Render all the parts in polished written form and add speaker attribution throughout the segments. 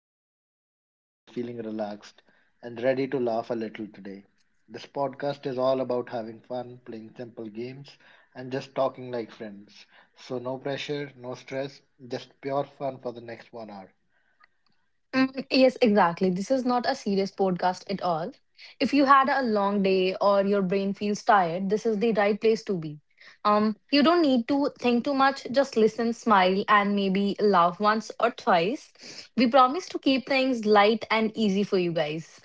Speaker 1: I hope you are doing well, feeling relaxed, and ready to laugh a little today. This podcast is all about having fun, playing simple games, and just talking like friends. So, no pressure, no stress, just pure fun for the next one hour.
Speaker 2: Mm, yes, exactly. This is not a serious podcast at all. If you had a long day or your brain feels tired, this is the right place to be. You don't need to think too much, just listen, smile, and maybe laugh once or twice. We promise to keep things light and easy for you guys.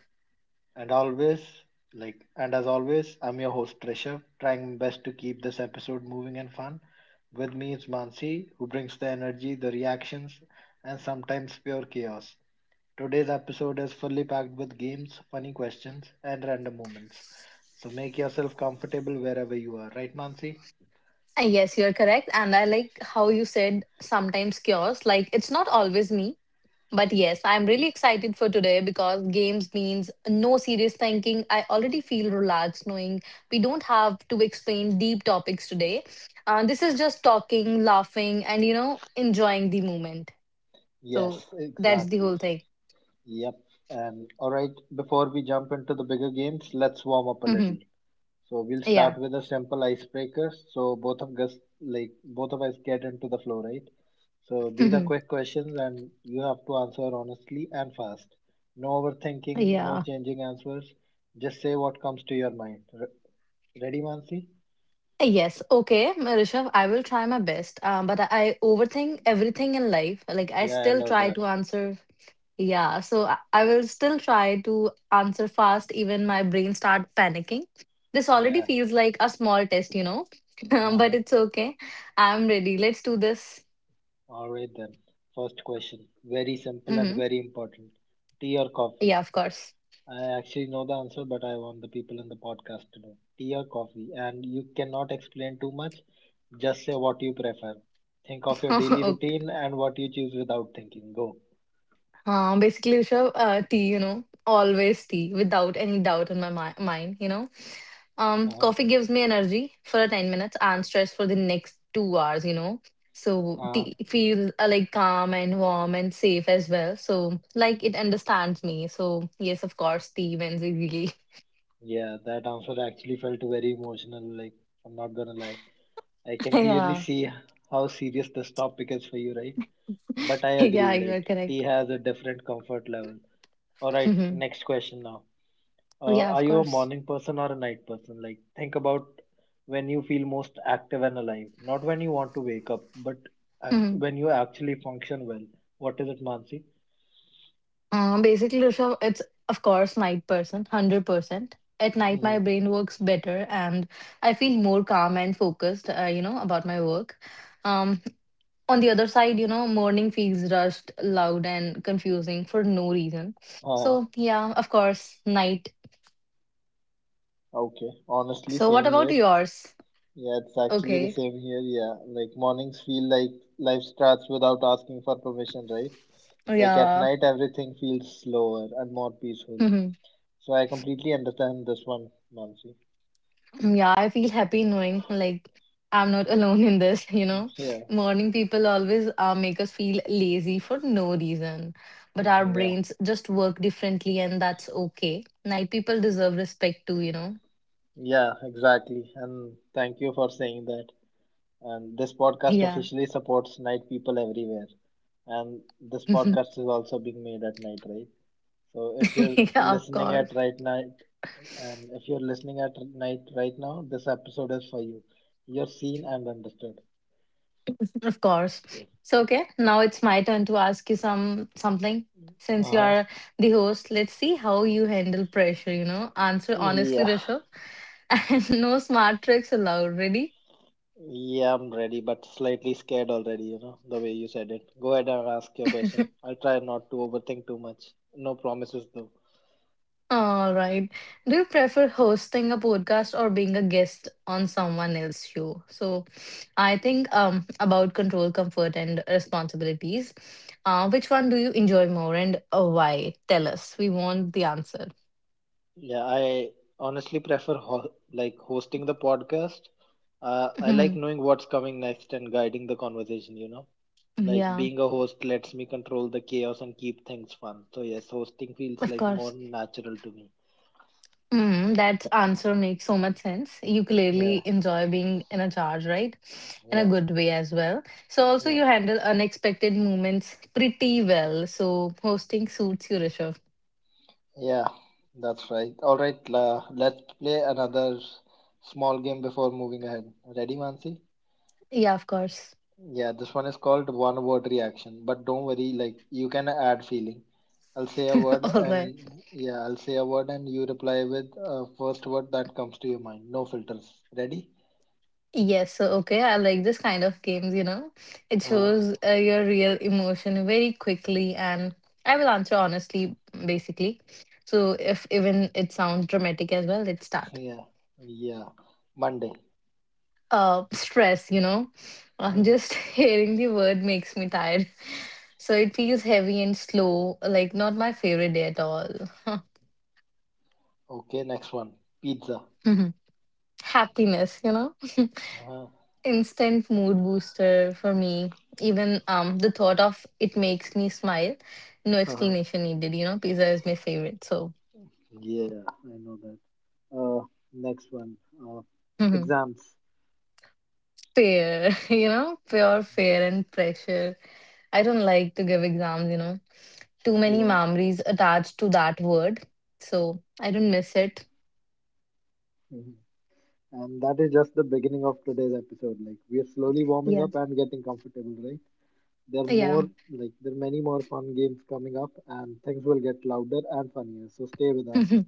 Speaker 1: And always, and as always, I'm your host Trishav, trying best to keep this episode moving and fun. With me is Mansi, who brings the energy, the reactions, and sometimes pure chaos. Today's episode is fully packed with games, funny questions, and random moments. So make yourself comfortable wherever you are, right, Mansi?
Speaker 2: Yes, you're correct. And I like how you said sometimes cures, like it's not always me. But yes, I'm really excited for today because games means no serious thinking. I already feel relaxed knowing we don't have to explain deep topics today. This is just talking, laughing, and enjoying the moment. So
Speaker 1: Yes,
Speaker 2: that's the
Speaker 1: exactly.
Speaker 2: whole thing.
Speaker 1: Yep. And all right, before we jump into the bigger games, let's warm up a little.
Speaker 2: Hmm.
Speaker 1: So we'll
Speaker 2: Yeah.
Speaker 1: start with a simple icebreaker. So both of us, get into the flow, right? So these are
Speaker 2: Hmm.
Speaker 1: quick questions, and you have to answer honestly and fast. No overthinking, no
Speaker 2: Yeah.
Speaker 1: changing answers. Just say what comes to your mind. Ready, Mansi?
Speaker 2: Yes. Okay, Rishabh, I will try my best. But I overthink everything in life. Like I
Speaker 1: Yeah, I
Speaker 2: still
Speaker 1: know
Speaker 2: try
Speaker 1: that.
Speaker 2: to answer. Yeah, so I will still try to answer fast, even my brain start panicking. This already
Speaker 1: Yeah,
Speaker 2: feels like a small test.
Speaker 1: yeah.
Speaker 2: But it's okay. I'm ready. Let's do this.
Speaker 1: All right then. First question, very simple and
Speaker 2: Hmm.
Speaker 1: very important. Tea or coffee?
Speaker 2: Yeah, of course.
Speaker 1: I actually know the answer, but I want the people in the podcast to know. Tea or coffee? And you cannot explain too much. Just say what you prefer. Think of your daily
Speaker 2: Okay.
Speaker 1: routine and what you choose without thinking. Go.
Speaker 2: Basically, Rishabh, tea, always tea, without any doubt in my mind.
Speaker 1: Uh,
Speaker 2: Coffee gives me energy for a 10 minutes and stress for the next two hours. So
Speaker 1: huh. uh,
Speaker 2: tea feels like calm and warm and safe as well. So like it understands me. So yes, of course, tea wins really.
Speaker 1: yeah, that answer actually felt very emotional. Like, I'm not gonna lie. I can clearly
Speaker 2: Yeah.
Speaker 1: see how serious this topic is for you, right? But I
Speaker 2: Yeah,
Speaker 1: agree,
Speaker 2: you are
Speaker 1: like, tea
Speaker 2: correct.
Speaker 1: has a different comfort level. Alright,
Speaker 2: Mhm.
Speaker 1: next question now.
Speaker 2: Yeah,
Speaker 1: Are
Speaker 2: of
Speaker 1: you a
Speaker 2: course.
Speaker 1: morning person or a night person? Like, think about when you feel most active and alive, not when you want to wake up, but
Speaker 2: Mhm.
Speaker 1: when you actually function well. What is it, Mansi?
Speaker 2: Basically, Rishabh, it's of course night person, 100%. At night,
Speaker 1: Hmm.
Speaker 2: my brain works better and I feel more calm and focused, about my work. Um. On the other side, morning feels rushed, loud, and confusing for no reason.
Speaker 1: Uh,
Speaker 2: So, yeah, of course, night.
Speaker 1: okay. Honestly,
Speaker 2: So, what
Speaker 1: same
Speaker 2: about
Speaker 1: here.
Speaker 2: yours?
Speaker 1: Yeah, it's actually the
Speaker 2: Okay.
Speaker 1: same here. Yeah, like mornings feel like life starts without asking for permission, right? Like at
Speaker 2: Yeah.
Speaker 1: night, everything feels slower and more peaceful.
Speaker 2: Mhm.
Speaker 1: So I completely understand this one, Mansi.
Speaker 2: Yeah, I feel happy knowing like I'm not alone in this.
Speaker 1: Yeah,
Speaker 2: Morning people always make us feel lazy for no reason, but
Speaker 1: hmm
Speaker 2: our
Speaker 1: yeah.
Speaker 2: brains just work differently, and that's okay. Night people deserve respect too.
Speaker 1: Yeah, exactly. And thank you for saying that. And this podcast
Speaker 2: Yeah.
Speaker 1: officially supports night people everywhere. And this podcast is also being made at night, right? So if you're
Speaker 2: Yeah, of
Speaker 1: listening at
Speaker 2: course.
Speaker 1: right night, and if you're listening at night right now, this episode is for you. You're seen and understood.
Speaker 2: Of course. So okay, now it's my turn to ask you something.
Speaker 1: Uh
Speaker 2: Since you
Speaker 1: huh.
Speaker 2: are the host, let's see how you handle pressure. Answer honestly,
Speaker 1: Yeah.
Speaker 2: Rishabh. And no smart tricks allowed, ready?
Speaker 1: Yeah, I'm ready, but slightly scared already, you know, the way you said it. Go ahead and ask your question. I'll try not to overthink too much. No promises, though.
Speaker 2: All right. Do you prefer hosting a podcast or being a guest on someone else's show? So I think about control, comfort and responsibilities. Which one do you enjoy more and why? Tell us. We want the answer.
Speaker 1: Yeah, I honestly prefer ho like hosting the podcast. I like knowing what's coming next and guiding the conversation, you know. Like
Speaker 2: Yeah,
Speaker 1: being a host lets me control the chaos and keep things fun. So yes, hosting feels
Speaker 2: of
Speaker 1: like more
Speaker 2: course.
Speaker 1: natural to me.
Speaker 2: That answer makes so much sense. You clearly
Speaker 1: Yeah,
Speaker 2: enjoy being in a charge, right? In a
Speaker 1: yeah,
Speaker 2: good way as well. So also
Speaker 1: yeah,
Speaker 2: you handle unexpected moments pretty well. So hosting suits you, Rishabh.
Speaker 1: yeah. That's right. All right, let's play another small game before moving ahead. Ready, Mansi?
Speaker 2: Yeah, of course.
Speaker 1: Yeah, this one is called one word reaction, but don't worry, like you can add feeling. I'll say a word
Speaker 2: All right.
Speaker 1: and you reply with first word that comes to your mind. No filters. Ready?
Speaker 2: Yes. So okay, I like this kind of games. It
Speaker 1: Uh,
Speaker 2: shows your real emotion very quickly, and I will answer honestly, basically. So if even it sounds dramatic as well, let's start.
Speaker 1: yeah, yeah. Monday.
Speaker 2: Stress. Uh,
Speaker 1: Uh,
Speaker 2: just hearing the word makes me tired. So it feels heavy and slow, like not my favorite day at all.
Speaker 1: okay, next one. Pizza.
Speaker 2: Mhm. Happiness.
Speaker 1: Uh,
Speaker 2: Instant mood booster for me. Even the thought of it makes me smile. No
Speaker 1: uh,
Speaker 2: explanation needed. Pizza is my favorite, so.
Speaker 1: yeah, I know that. Uh, Next one. Uh,
Speaker 2: Mhm.
Speaker 1: Exams.
Speaker 2: Fair, pure fair and pressure. I don't like to give exams. Too many
Speaker 1: Yeah.
Speaker 2: memories attached to that word. So I don't miss it.
Speaker 1: Mhm. And that is just the beginning of today's episode. Like, we're slowly warming
Speaker 2: Yeah.
Speaker 1: up and getting comfortable, right? There are
Speaker 2: Yeah.
Speaker 1: more, there are many more fun games coming up, and things will get louder and funnier. So stay with us.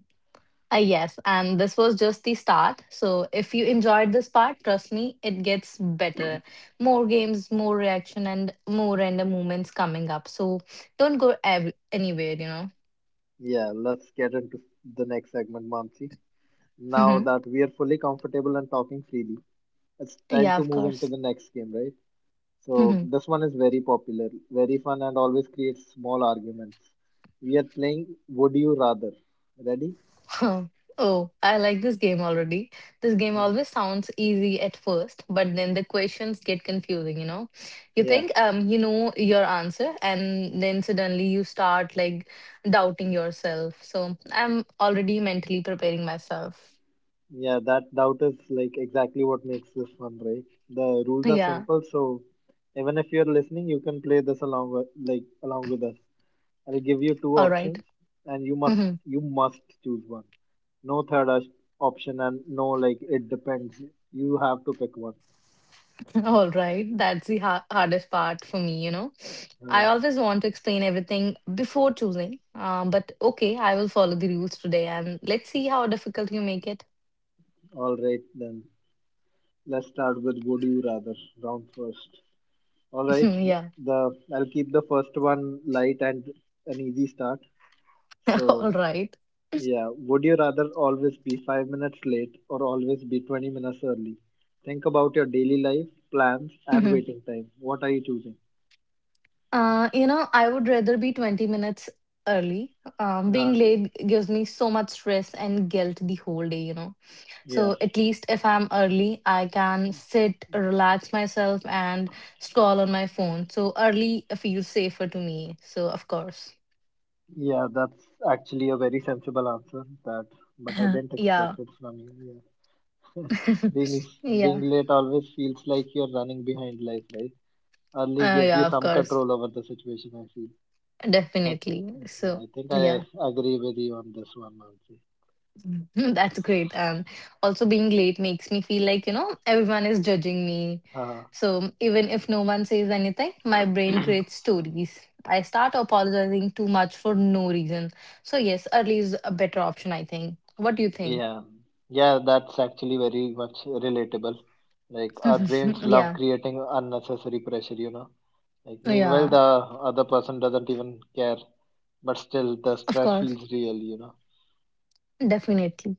Speaker 2: Yes. And this was just the start. So if you enjoyed this part, trust me, it gets better. More games, more reaction, and more random moments coming up. So don't go anywhere,
Speaker 1: Yeah, let's get into the next segment, Mansi. Now
Speaker 2: know.
Speaker 1: that we are fully comfortable and talking freely, it's time
Speaker 2: Yeah,
Speaker 1: to
Speaker 2: of
Speaker 1: move into
Speaker 2: course.
Speaker 1: the next game, right? So this one is very popular, very fun, and always creates small arguments. We are playing Would You Rather. Ready?
Speaker 2: Huh. Oh, I like this game already. This game
Speaker 1: Mhm.
Speaker 2: always sounds easy at first, but then the questions get confusing. You
Speaker 1: Yeah.
Speaker 2: think you know your answer and then suddenly you start like doubting yourself. So, I'm already mentally preparing myself.
Speaker 1: Yeah, that doubt is like exactly what makes this fun, right? The rules are
Speaker 2: Yeah,
Speaker 1: simple, so even if you're listening, you can play this along with us. I'll give you two
Speaker 2: all right.
Speaker 1: options, and you must
Speaker 2: Mhm.
Speaker 1: you must choose one. No third option, and no like it depends. You have to pick one.
Speaker 2: All right, that's the ha hardest part for me. I
Speaker 1: Uh,
Speaker 2: always want to explain everything before choosing. But okay, I will follow the rules today and let's see how difficult you make it.
Speaker 1: all right, then let's start with would you rather round first. All right,
Speaker 2: Yeah.
Speaker 1: the I'll keep the first one light and an easy start. So
Speaker 2: All right.
Speaker 1: yeah, would you rather always be 5 minutes late or always be 20 minutes early? Think about your daily life, plans, and
Speaker 2: Mhm.
Speaker 1: waiting time. What are you choosing?
Speaker 2: I would rather be 20 minutes early. Um,
Speaker 1: Uh,
Speaker 2: being late gives me so much stress and guilt the whole day.
Speaker 1: yeah,
Speaker 2: So at least if I'm early, I can sit, relax myself, and scroll on my phone. So early feels safer to me. So, of course.
Speaker 1: yeah, that's actually a very sensible answer. That, but I didn't
Speaker 2: Yeah.
Speaker 1: expect it from you. Yeah, being being
Speaker 2: Yeah.
Speaker 1: late always feels like you're running behind life, right? Early
Speaker 2: Uh,
Speaker 1: gives you
Speaker 2: yeah, of
Speaker 1: some
Speaker 2: course.
Speaker 1: control over the situation. I feel. I,
Speaker 2: Definitely.
Speaker 1: yeah,
Speaker 2: So,
Speaker 1: I think I
Speaker 2: yeah.
Speaker 1: agree with you on this one, Mansi.
Speaker 2: That's great. And also being late makes me feel like, everyone is judging me. So even if no one says anything, my brain creates stories. I start apologizing too much for no reason. So yes, early is a better option, I think. What do you think?
Speaker 1: Yeah, yeah, that's actually very much relatable. Like our brains love
Speaker 2: Yeah.
Speaker 1: creating unnecessary pressure, you know. Like meanwhile,
Speaker 2: Yeah.
Speaker 1: the other person doesn't even care, but still the
Speaker 2: Of
Speaker 1: stress
Speaker 2: course.
Speaker 1: feels real, you know.
Speaker 2: Definitely.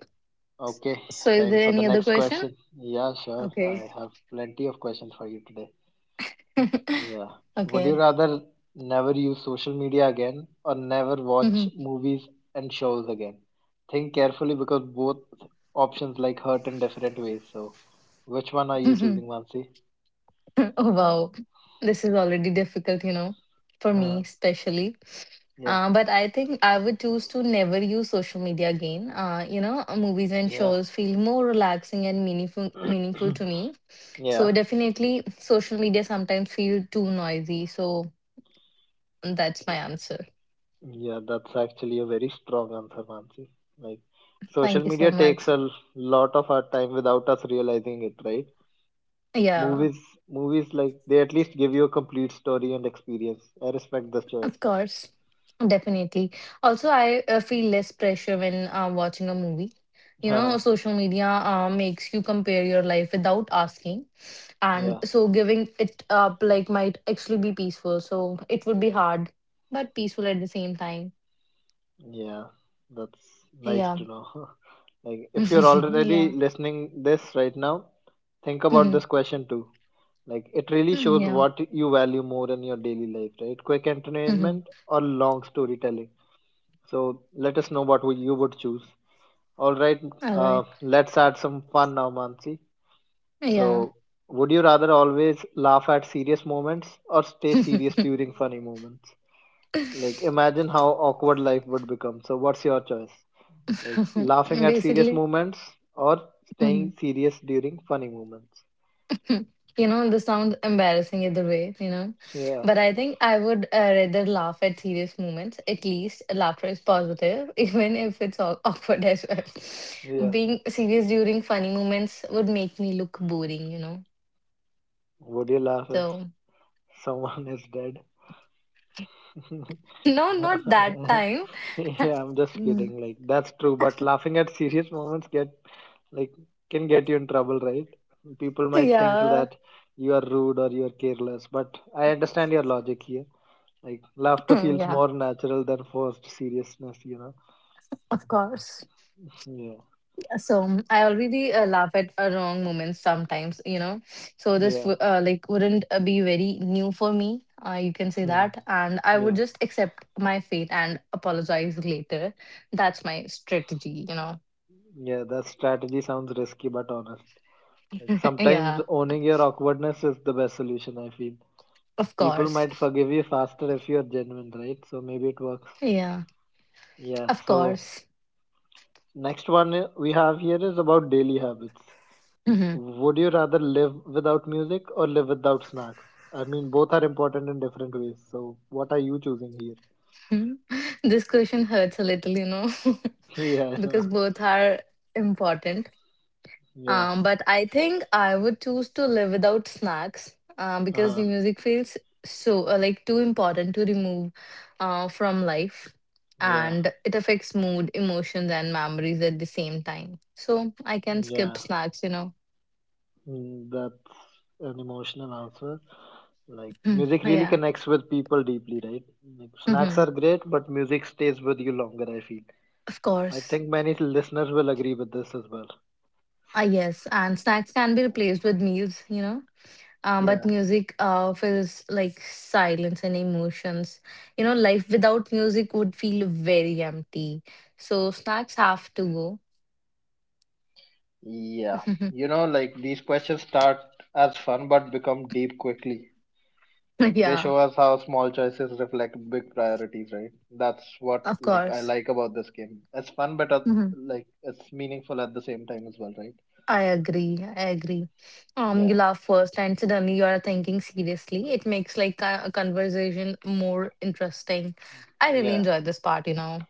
Speaker 1: Okay,
Speaker 2: So is
Speaker 1: time
Speaker 2: there
Speaker 1: for the
Speaker 2: any other
Speaker 1: next
Speaker 2: question?
Speaker 1: question. Yeah, sure.
Speaker 2: Okay.
Speaker 1: I have plenty of questions for you today. Yeah. Would you
Speaker 2: Okay.
Speaker 1: rather never use social media again or never watch
Speaker 2: Oh
Speaker 1: movies and shows again? Think carefully because both options like hurt in different ways. So, which one are you choosing, Mansi?
Speaker 2: wow. This is already difficult, for me
Speaker 1: Uh,
Speaker 2: especially.
Speaker 1: yeah,
Speaker 2: But I think I would choose to never use social media again. Movies and
Speaker 1: yeah,
Speaker 2: shows feel more relaxing and meaningful to me.
Speaker 1: yeah,
Speaker 2: So definitely, social media sometimes feel too noisy. So that's my answer.
Speaker 1: yeah. That's actually a very strong answer, Mansi. Like,
Speaker 2: Thank
Speaker 1: social
Speaker 2: you so
Speaker 1: media takes
Speaker 2: much.
Speaker 1: a lot of our time without us realizing it, right?
Speaker 2: Yeah,
Speaker 1: Movies, Movies like they at least give you a complete story and experience. I respect this choice.
Speaker 2: of course, definitely. Also, I feel less pressure when watching a movie. You know,
Speaker 1: Uh,
Speaker 2: social media makes you compare your life without asking. And
Speaker 1: yeah.
Speaker 2: so giving it up like might actually be peaceful, so it would be hard but peaceful at the same time.
Speaker 1: Yeah, that's nice
Speaker 2: Yeah.
Speaker 1: to know. Like, if you're
Speaker 2: Yeah.
Speaker 1: already listening this right now, think about
Speaker 2: Mhm.
Speaker 1: this question too. Like, it really
Speaker 2: Mm,
Speaker 1: shows
Speaker 2: yeah.
Speaker 1: what you value more in your daily life, right? Quick
Speaker 2: Mhm.
Speaker 1: entertainment or long storytelling. So let us know what you would choose. All right,
Speaker 2: All right.
Speaker 1: let's add some fun now, Mansi.
Speaker 2: Yeah.
Speaker 1: So, would you rather always laugh at serious moments or stay serious during funny moments? Like, imagine how awkward life would become. So, what's your choice? Like laughing at serious
Speaker 2: Basically.
Speaker 1: moments or
Speaker 2: Mhm.
Speaker 1: staying serious during funny moments.
Speaker 2: You know this sounds embarrassing either way.
Speaker 1: Yeah,
Speaker 2: But I think I would rather laugh at serious moments. At least laughter is positive, even if it's awkward as well.
Speaker 1: yeah.
Speaker 2: Being serious during funny moments would make me look boring.
Speaker 1: Would you laugh if
Speaker 2: So.
Speaker 1: someone is dead?
Speaker 2: No, not that time.
Speaker 1: Yeah, I'm just
Speaker 2: Mm,
Speaker 1: kidding. Like that's true, but laughing at serious moments get like can get you in trouble, right? People might think
Speaker 2: yeah.
Speaker 1: that you are rude or you are careless, but I understand your logic here. Like laughter feels
Speaker 2: Yeah,
Speaker 1: more natural than forced seriousness, you know.
Speaker 2: of course.
Speaker 1: Yeah,
Speaker 2: So I already laugh at a wrong moments sometimes. So this
Speaker 1: yeah,
Speaker 2: like wouldn't be very new for me. You can say
Speaker 1: hmm,
Speaker 2: that, and I would
Speaker 1: yeah.
Speaker 2: just accept my fate and apologize later. That's my strategy.
Speaker 1: Yeah, that strategy sounds risky but honest. Like sometimes
Speaker 2: Yeah,
Speaker 1: owning your awkwardness is the best solution, I feel.
Speaker 2: of
Speaker 1: People
Speaker 2: course.
Speaker 1: might forgive you faster if you're genuine, right? So maybe it works.
Speaker 2: Yeah,
Speaker 1: Yeah,
Speaker 2: of
Speaker 1: so
Speaker 2: course.
Speaker 1: next one we have here is about daily habits.
Speaker 2: Mhm.
Speaker 1: Would you rather live without music or live without snacks? I mean, both are important in different ways. So what are you choosing here?
Speaker 2: This question hurts a little,
Speaker 1: Yeah, I know.
Speaker 2: because both are important.
Speaker 1: Yeah,
Speaker 2: But I think I would choose to live without snacks. Because the
Speaker 1: uh-huh.
Speaker 2: music feels so like too important to remove from life,
Speaker 1: Yeah,
Speaker 2: and it affects mood, emotions, and memories at the same time. So I can skip
Speaker 1: yeah.
Speaker 2: snacks.
Speaker 1: Mm, that's an emotional answer. Like
Speaker 2: Mm,
Speaker 1: music really
Speaker 2: yeah.
Speaker 1: connects with people deeply, right? Like snacks
Speaker 2: Hmm.
Speaker 1: are great, but music stays with you longer, I feel.
Speaker 2: Of
Speaker 1: I
Speaker 2: course.
Speaker 1: think many listeners will agree with this as well.
Speaker 2: Ah, yes, and snacks can be replaced with meals. Um, but
Speaker 1: Yeah.
Speaker 2: music uh, feels like silence and emotions. Life without music would feel very empty. So snacks have to go.
Speaker 1: Yeah. You know, like these questions start as fun but become deep quickly. Like they
Speaker 2: Yeah,
Speaker 1: show us how small choices reflect big priorities, right? That's what
Speaker 2: of
Speaker 1: like I
Speaker 2: course.
Speaker 1: like about this game. It's fun but
Speaker 2: Mhm.
Speaker 1: like it's meaningful at the same time as well, right?
Speaker 2: I agree. I agree. You
Speaker 1: Yeah.
Speaker 2: laugh first, and suddenly you are thinking seriously. It makes like a conversation more interesting. I really
Speaker 1: Yeah.
Speaker 2: enjoy this part.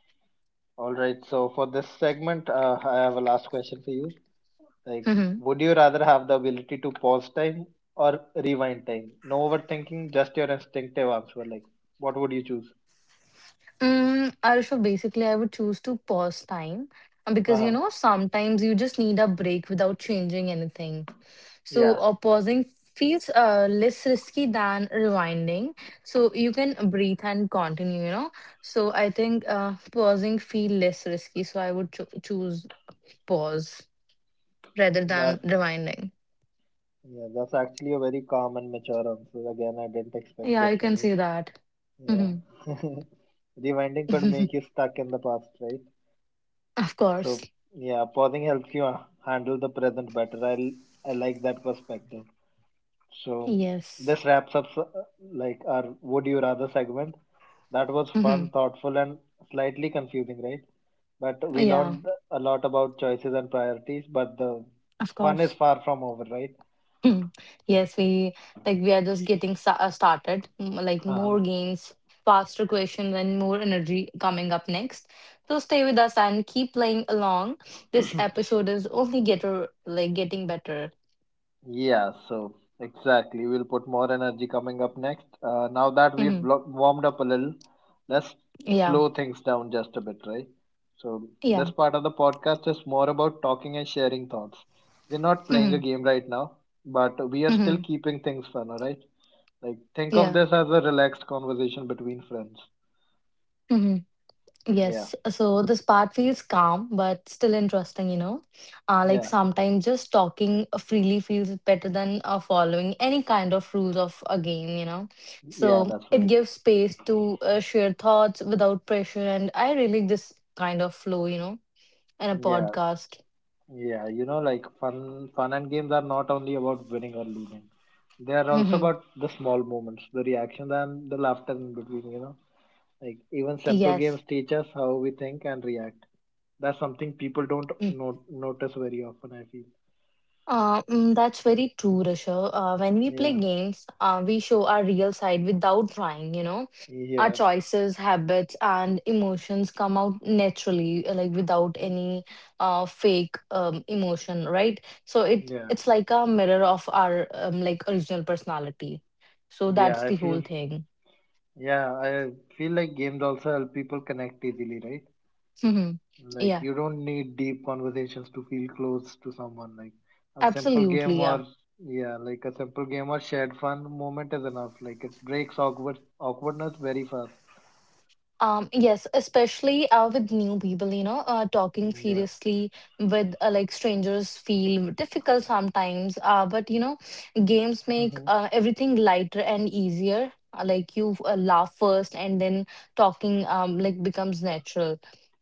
Speaker 1: All right. So for this segment, I have a last question for you. Like, would you rather have the ability to pause time or rewind time? No overthinking, just your instinctive answer. Like, what would you choose?
Speaker 2: Mm, Arshab, basically, I would choose to pause time because
Speaker 1: Uh-huh.
Speaker 2: sometimes you just need a break without changing anything. So,
Speaker 1: Yeah,
Speaker 2: pausing feels less risky than rewinding. So you can breathe and continue. So I think pausing feel less risky. So I would choose pause rather than
Speaker 1: that's
Speaker 2: rewinding.
Speaker 1: yeah, that's actually a very calm and mature answer. Again, I didn't expect
Speaker 2: Yeah,
Speaker 1: this
Speaker 2: you can
Speaker 1: from you.
Speaker 2: say that. Hmm.
Speaker 1: Yeah. Rewinding could make you stuck in the past, right?
Speaker 2: Of course.
Speaker 1: So yeah, pausing helps you handle the present better. I like that perspective. So
Speaker 2: Yes.
Speaker 1: this wraps up our would you rather segment. That was fun,
Speaker 2: Hmm.
Speaker 1: thoughtful, and slightly confusing, right? But we
Speaker 2: Yeah,
Speaker 1: learned a lot about choices and priorities. But the
Speaker 2: of
Speaker 1: fun is
Speaker 2: course.
Speaker 1: far from over, right?
Speaker 2: Mm. Yes, we are just getting started. Mm, like more games, faster questions, and more energy coming up next. So stay with us and keep playing along. This episode is only getter like getting better.
Speaker 1: Yeah, so exactly. We'll put more energy coming up next. Now that we've
Speaker 2: Hmm.
Speaker 1: warmed up a little, let's
Speaker 2: Yeah,
Speaker 1: slow things down just a bit, right? So, this
Speaker 2: yeah,
Speaker 1: part of the podcast is more about talking and sharing thoughts. We're not playing
Speaker 2: hmm,
Speaker 1: a game right now, but we are still
Speaker 2: hmm,
Speaker 1: keeping things fun, alright? Like, think of
Speaker 2: yeah.
Speaker 1: this as a relaxed conversation between friends.
Speaker 2: Hmm.
Speaker 1: Yeah,
Speaker 2: Yes, so this part feels calm but still interesting. Like
Speaker 1: yeah,
Speaker 2: sometimes just talking freely feels better than following any kind of rules of a game.
Speaker 1: yeah,
Speaker 2: So
Speaker 1: that's
Speaker 2: it
Speaker 1: right.
Speaker 2: gives space to share thoughts without pressure, and I really like this kind of flow, in a
Speaker 1: Yeah,
Speaker 2: podcast.
Speaker 1: Yeah, you know, like fun and games are not only about winning or losing. They are also about the small moments, the reaction and the laughter in between, you know. Like even simple
Speaker 2: Yes.
Speaker 1: games teach us how we think and react. That's something people don't notice very often, I feel.
Speaker 2: That's very true, Rishabh. When we
Speaker 1: Yeah,
Speaker 2: play games, we show our real side without trying. Our
Speaker 1: yeah,
Speaker 2: choices, habits, and emotions come out naturally, like without any fake emotion, right? So it
Speaker 1: yeah,
Speaker 2: it's like a mirror of our like original personality. So
Speaker 1: yeah,
Speaker 2: that's
Speaker 1: I
Speaker 2: the whole
Speaker 1: feel,
Speaker 2: thing.
Speaker 1: yeah, I feel like games also help people connect easily, right? Like
Speaker 2: Yeah,
Speaker 1: you don't need deep conversations to feel close to someone. A simple game
Speaker 2: absolutely. Yeah.
Speaker 1: or yeah, like a simple game or shared fun moment is enough. Like it breaks awkwardness very fast.
Speaker 2: Yes, especially with new people, talking
Speaker 1: Yeah.
Speaker 2: seriously with like strangers feel difficult sometimes. But games make
Speaker 1: Mhm.
Speaker 2: everything lighter and easier. Like you laugh first, and then talking like becomes natural.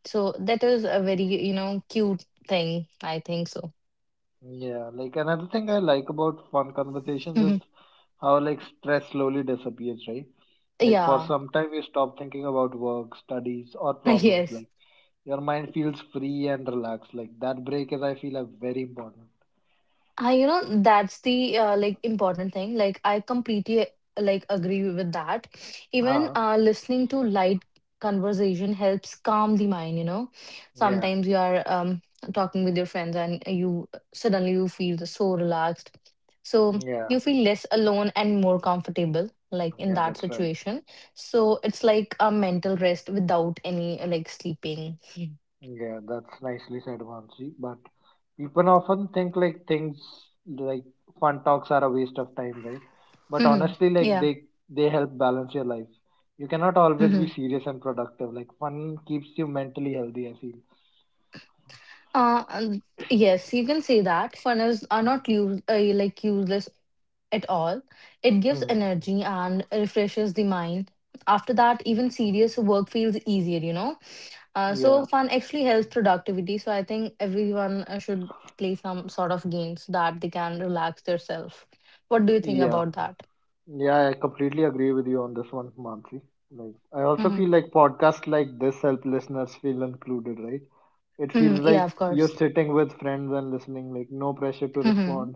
Speaker 2: So that is a very cute thing. I think so.
Speaker 1: Yeah, like another thing I like about fun conversations is how like stress slowly disappears, right? Like for
Speaker 2: Yeah.
Speaker 1: some time you stop thinking about work, studies or problems.
Speaker 2: Yes.
Speaker 1: Like your mind feels free and relaxed. Like that break is I feel like very important.
Speaker 2: That's the like important thing. Like I completely like agree with that. Even
Speaker 1: Uh-huh.
Speaker 2: listening to light conversation helps calm the mind.
Speaker 1: Yeah.
Speaker 2: Sometimes you are talking with your friends and you suddenly you feel so relaxed. So
Speaker 1: Yeah.
Speaker 2: you feel less alone and more comfortable like in
Speaker 1: Yeah,
Speaker 2: that
Speaker 1: that's right.
Speaker 2: situation. So it's like a mental rest without any like sleeping.
Speaker 1: Yeah, that's nicely said, Mansi. But people often think like things like fun talks are a waste of time, right? But honestly, like
Speaker 2: Yeah.
Speaker 1: they they help balance your life. You cannot always be
Speaker 2: yeah.
Speaker 1: serious and productive. Like fun keeps you mentally healthy, I feel.
Speaker 2: Uh, um, yes, you can say that funnels are not use, like useless at all. It gives
Speaker 1: Hmm.
Speaker 2: energy and refreshes the mind. After that, even serious work feels easier. Uh,
Speaker 1: Yeah,
Speaker 2: so fun actually helps productivity. So I think everyone should play some sort of games so that they can relax themselves. What do you think
Speaker 1: yeah.
Speaker 2: about that?
Speaker 1: Yeah, I completely agree with you on this one, Mansi. Like, I also
Speaker 2: Mm-hmm.
Speaker 1: feel like podcasts like this help listeners feel included, right? It feels
Speaker 2: Mm, yeah,
Speaker 1: like
Speaker 2: of
Speaker 1: you're
Speaker 2: course.
Speaker 1: sitting with friends and listening, like, no pressure to
Speaker 2: Mm-hmm.
Speaker 1: respond.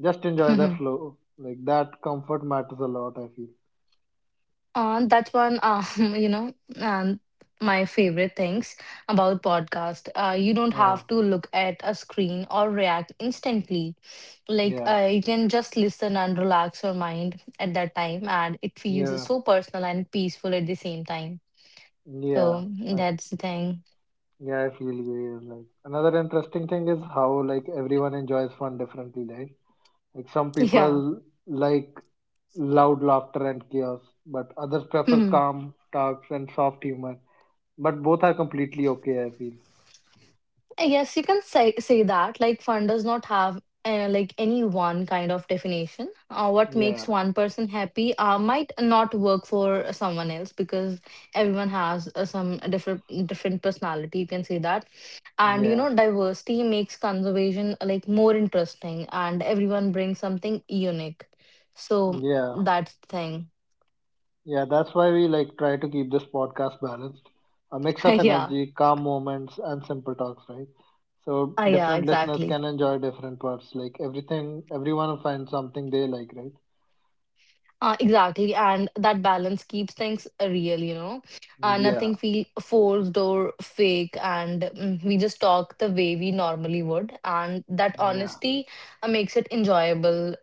Speaker 1: Just enjoy the
Speaker 2: Mm-hmm.
Speaker 1: flow. Like, that comfort matters a lot, I feel.
Speaker 2: That's one, you know, um, my favorite things about podcast. You don't
Speaker 1: Uh,
Speaker 2: have to look at a screen or react instantly. Like
Speaker 1: yeah,
Speaker 2: you can just listen and relax your mind at that time, and it feels
Speaker 1: yeah,
Speaker 2: so personal and peaceful at the same time.
Speaker 1: yeah.
Speaker 2: So
Speaker 1: I,
Speaker 2: that's the thing.
Speaker 1: yeah, I feel you. Yeah, like, another interesting thing is how, like, everyone enjoys fun differently, right? Like, some
Speaker 2: Yeah.
Speaker 1: people like loud laughter and chaos, but others prefer calm talks and soft humor. But both are completely okay, I feel.
Speaker 2: Yes, you can say that like fun does not have like any one kind of definition. What makes
Speaker 1: Yeah,
Speaker 2: one person happy might not work for someone else because everyone has some different personality. You can say that, and
Speaker 1: yeah,
Speaker 2: diversity makes conservation like more interesting, and everyone brings something unique. So
Speaker 1: yeah,
Speaker 2: that's the thing.
Speaker 1: yeah. That's why we like try to keep this podcast balanced, a mix of
Speaker 2: yeah,
Speaker 1: energy, calm moments, and simple talks, right? So
Speaker 2: yeah,
Speaker 1: different listeners
Speaker 2: exactly.
Speaker 1: can enjoy different parts. Like everything, everyone will find something they like, right?
Speaker 2: Exactly, and that balance keeps things real. Nothing
Speaker 1: Yeah,
Speaker 2: feel forced or fake, and we just talk the way we normally would, and that
Speaker 1: yeah.
Speaker 2: honesty makes it enjoyable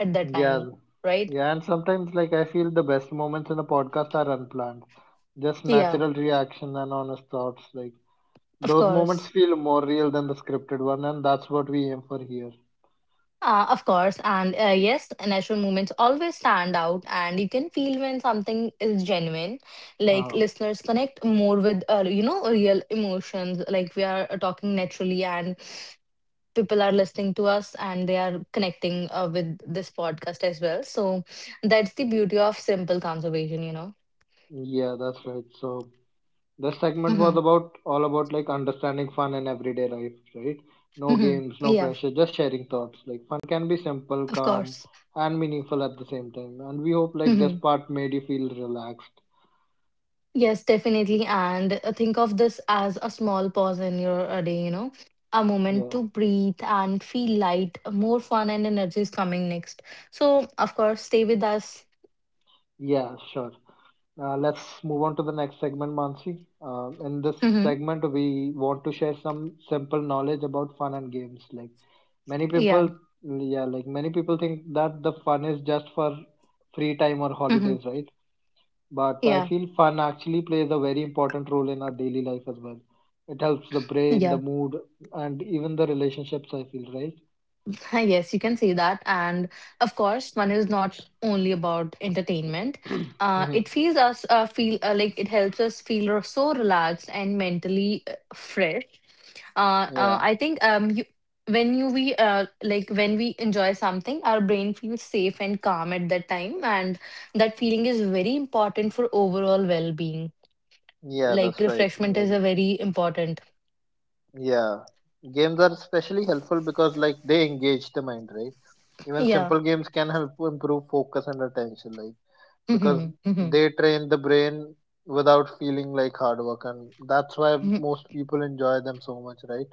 Speaker 2: at that time,
Speaker 1: Yeah,
Speaker 2: right?
Speaker 1: yeah, and sometimes like I feel the best moments in a podcast are unplanned, just
Speaker 2: Yeah,
Speaker 1: natural reaction and honest thoughts. Like
Speaker 2: of
Speaker 1: those
Speaker 2: course.
Speaker 1: moments feel more real than the scripted one, and that's what we aim for here.
Speaker 2: Of course, and yes, natural movements always stand out, and you can feel when something is genuine. Like
Speaker 1: Huh.
Speaker 2: listeners connect more with, real emotions. Like we are talking naturally, and people are listening to us and they are connecting with this podcast as well. So that's the beauty of simple conservation.
Speaker 1: Yeah, that's right. So this segment was
Speaker 2: Mhm.
Speaker 1: about all about like understanding fun in everyday life, right? No
Speaker 2: Mhm.
Speaker 1: games, no
Speaker 2: Yeah,
Speaker 1: pressure, just sharing thoughts. Like fun can be simple,
Speaker 2: of
Speaker 1: calm,
Speaker 2: course.
Speaker 1: and meaningful at the same time. And we hope like this
Speaker 2: Mhm.
Speaker 1: part made you feel relaxed.
Speaker 2: Yes, definitely. And think of this as a small pause in your day, a moment
Speaker 1: Yeah,
Speaker 2: to breathe and feel light, more fun and energy is coming next. So, of course, stay with us.
Speaker 1: yeah, sure. Let's move on to the next segment, Mansi. In this
Speaker 2: Mhm.
Speaker 1: segment, we want to share some simple knowledge about fun and games. Many
Speaker 2: Yeah.
Speaker 1: people, yeah, like many people think that the fun is just for free time or
Speaker 2: Mhm.
Speaker 1: holidays, right? But I
Speaker 2: Yeah.
Speaker 1: feel fun actually plays a very important role in our daily life as well. It helps the brain, the
Speaker 2: Yeah.
Speaker 1: mood, and even the relationships. I feel right.
Speaker 2: Yes, you can say that. And of course, one is not only about entertainment. It
Speaker 1: Hmm.
Speaker 2: feels us feel like it helps us so relaxed and mentally fresh.
Speaker 1: Yeah,
Speaker 2: I think you, when you we like when we enjoy something, our brain feels safe and calm at that time, and that feeling is very important for overall well being.
Speaker 1: yeah,
Speaker 2: Like
Speaker 1: that's right.
Speaker 2: refreshment
Speaker 1: Like
Speaker 2: is a very important.
Speaker 1: yeah, games are especially helpful because like they engage the mind, right? Even
Speaker 2: Yeah.
Speaker 1: simple games can help improve focus and attention, like because
Speaker 2: Hmm. Hmm.
Speaker 1: they train the brain without feeling like hard work, and that's why most people enjoy them so much, right?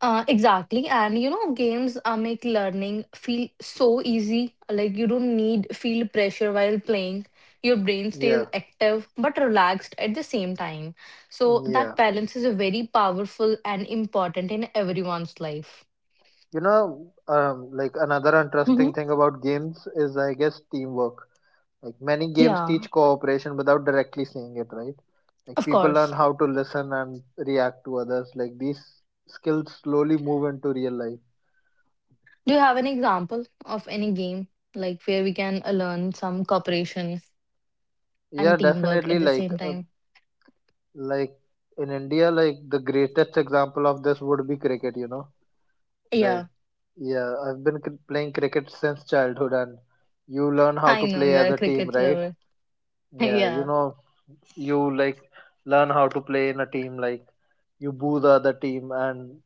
Speaker 2: Exactly. And games make learning feel so easy. Like you don't need feel pressure while playing. Your brain stays
Speaker 1: Yeah,
Speaker 2: active but relaxed at the same time. So
Speaker 1: yeah.
Speaker 2: that balance is a very powerful and important in everyone's life.
Speaker 1: You know, like another interesting
Speaker 2: Hmm.
Speaker 1: thing about games is, I guess, teamwork. Like many games
Speaker 2: Yeah,
Speaker 1: teach cooperation without directly saying it, right? Like
Speaker 2: of
Speaker 1: people learn
Speaker 2: course.
Speaker 1: how to listen and react to others. Like these skills slowly move into real life.
Speaker 2: Do you have an example of any game like where we can learn some cooperation
Speaker 1: Yeah,
Speaker 2: and teamwork
Speaker 1: definitely.
Speaker 2: at the
Speaker 1: Like
Speaker 2: same
Speaker 1: uh,
Speaker 2: time?
Speaker 1: like in India, like the greatest example of this would be cricket. You know, like
Speaker 2: Yeah,
Speaker 1: I've playing cricket since childhood, and you learn how
Speaker 2: I
Speaker 1: to
Speaker 2: know
Speaker 1: play
Speaker 2: you're
Speaker 1: as
Speaker 2: a
Speaker 1: a team,
Speaker 2: cricket
Speaker 1: right?
Speaker 2: lover.
Speaker 1: Yeah, you
Speaker 2: yeah.
Speaker 1: know, you like learn how to play in a team, like you boo the other team and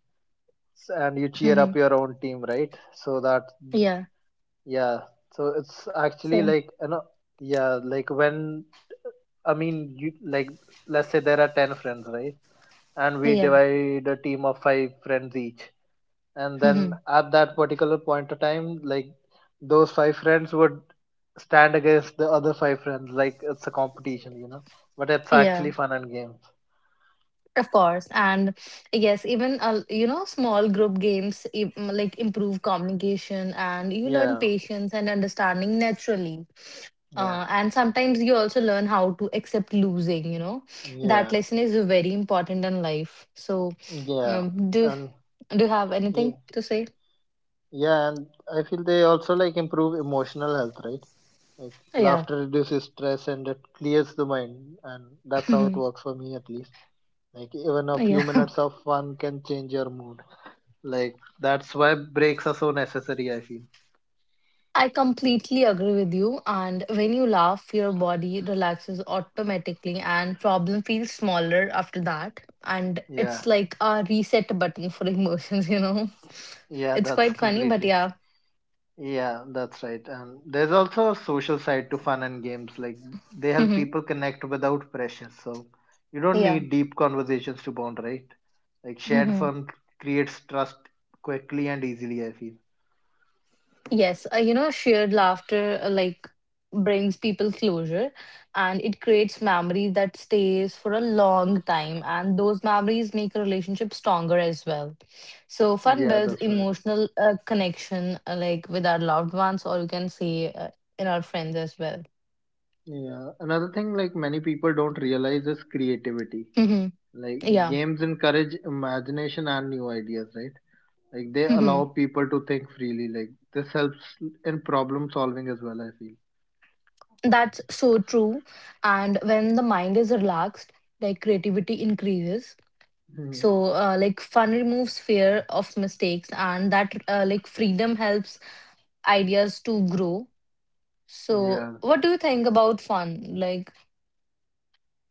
Speaker 1: yes, and you cheer
Speaker 2: Hmm.
Speaker 1: up your own team right, so that
Speaker 2: Yeah.
Speaker 1: yeah, so it's actually
Speaker 2: So.
Speaker 1: like you know yeah, like when I mean you like let's say there are 10 friends, right, and we
Speaker 2: Yeah.
Speaker 1: divide a team of five friends each, and then
Speaker 2: Mhm.
Speaker 1: at that particular point of time like those five friends would stand against the other five friends, like it's a competition you know, but it's
Speaker 2: Yeah.
Speaker 1: actually fun and games.
Speaker 2: Of course. And yes, even small like improve communication and you learn
Speaker 1: Yeah,
Speaker 2: patience and understanding naturally.
Speaker 1: yeah,
Speaker 2: And sometimes you also learn how to accept losing. That
Speaker 1: yeah,
Speaker 2: lesson is very important in life. So,
Speaker 1: yeah
Speaker 2: um, do
Speaker 1: and
Speaker 2: do you have
Speaker 1: yeah.
Speaker 2: anything to say?
Speaker 1: Yeah, and I feel they also like improve emotional health, right? Like
Speaker 2: Yeah.
Speaker 1: laughter reduces stress and it clears the mind, and that's how it works for me at least. Like even a few
Speaker 2: Yeah.
Speaker 1: minutes of fun can change your mood. Like that's why breaks are so necessary, I feel.
Speaker 2: I completely agree with you. And when you laugh, your body relaxes automatically and problem feels smaller after that. And
Speaker 1: Yeah,
Speaker 2: it's like a reset button for emotions, you know?
Speaker 1: yeah,
Speaker 2: It's
Speaker 1: that's
Speaker 2: quite funny, but
Speaker 1: completely right.
Speaker 2: yeah.
Speaker 1: Yeah, that's right. And there's also a social side to fun and games. Like they help people connect without pressure. So you don't
Speaker 2: yeah.
Speaker 1: need deep conversations to bond, right? Like shared fun creates trust quickly and easily, I feel.
Speaker 2: Yes, shared laughter like brings people closure and it creates memories that stays for a long time and those memories make a relationship stronger as well. So fun
Speaker 1: Yeah,
Speaker 2: builds
Speaker 1: that's right.
Speaker 2: emotional connection like with our loved ones or you can say in our friends as well.
Speaker 1: Yeah. Another thing like many people don't realize is creativity.
Speaker 2: Hmm.
Speaker 1: Like
Speaker 2: Yeah.
Speaker 1: games encourage imagination and new ideas, right? Like they allow
Speaker 2: Hmm.
Speaker 1: people to think freely. Like this helps in problem solving as well, I feel.
Speaker 2: That's so true. And when the mind is relaxed, like creativity increases.
Speaker 1: Mhm.
Speaker 2: So, like, fun removes fear of mistakes, and that, like, freedom helps ideas to grow. So,
Speaker 1: Yeah.
Speaker 2: what do you think about fun? Like,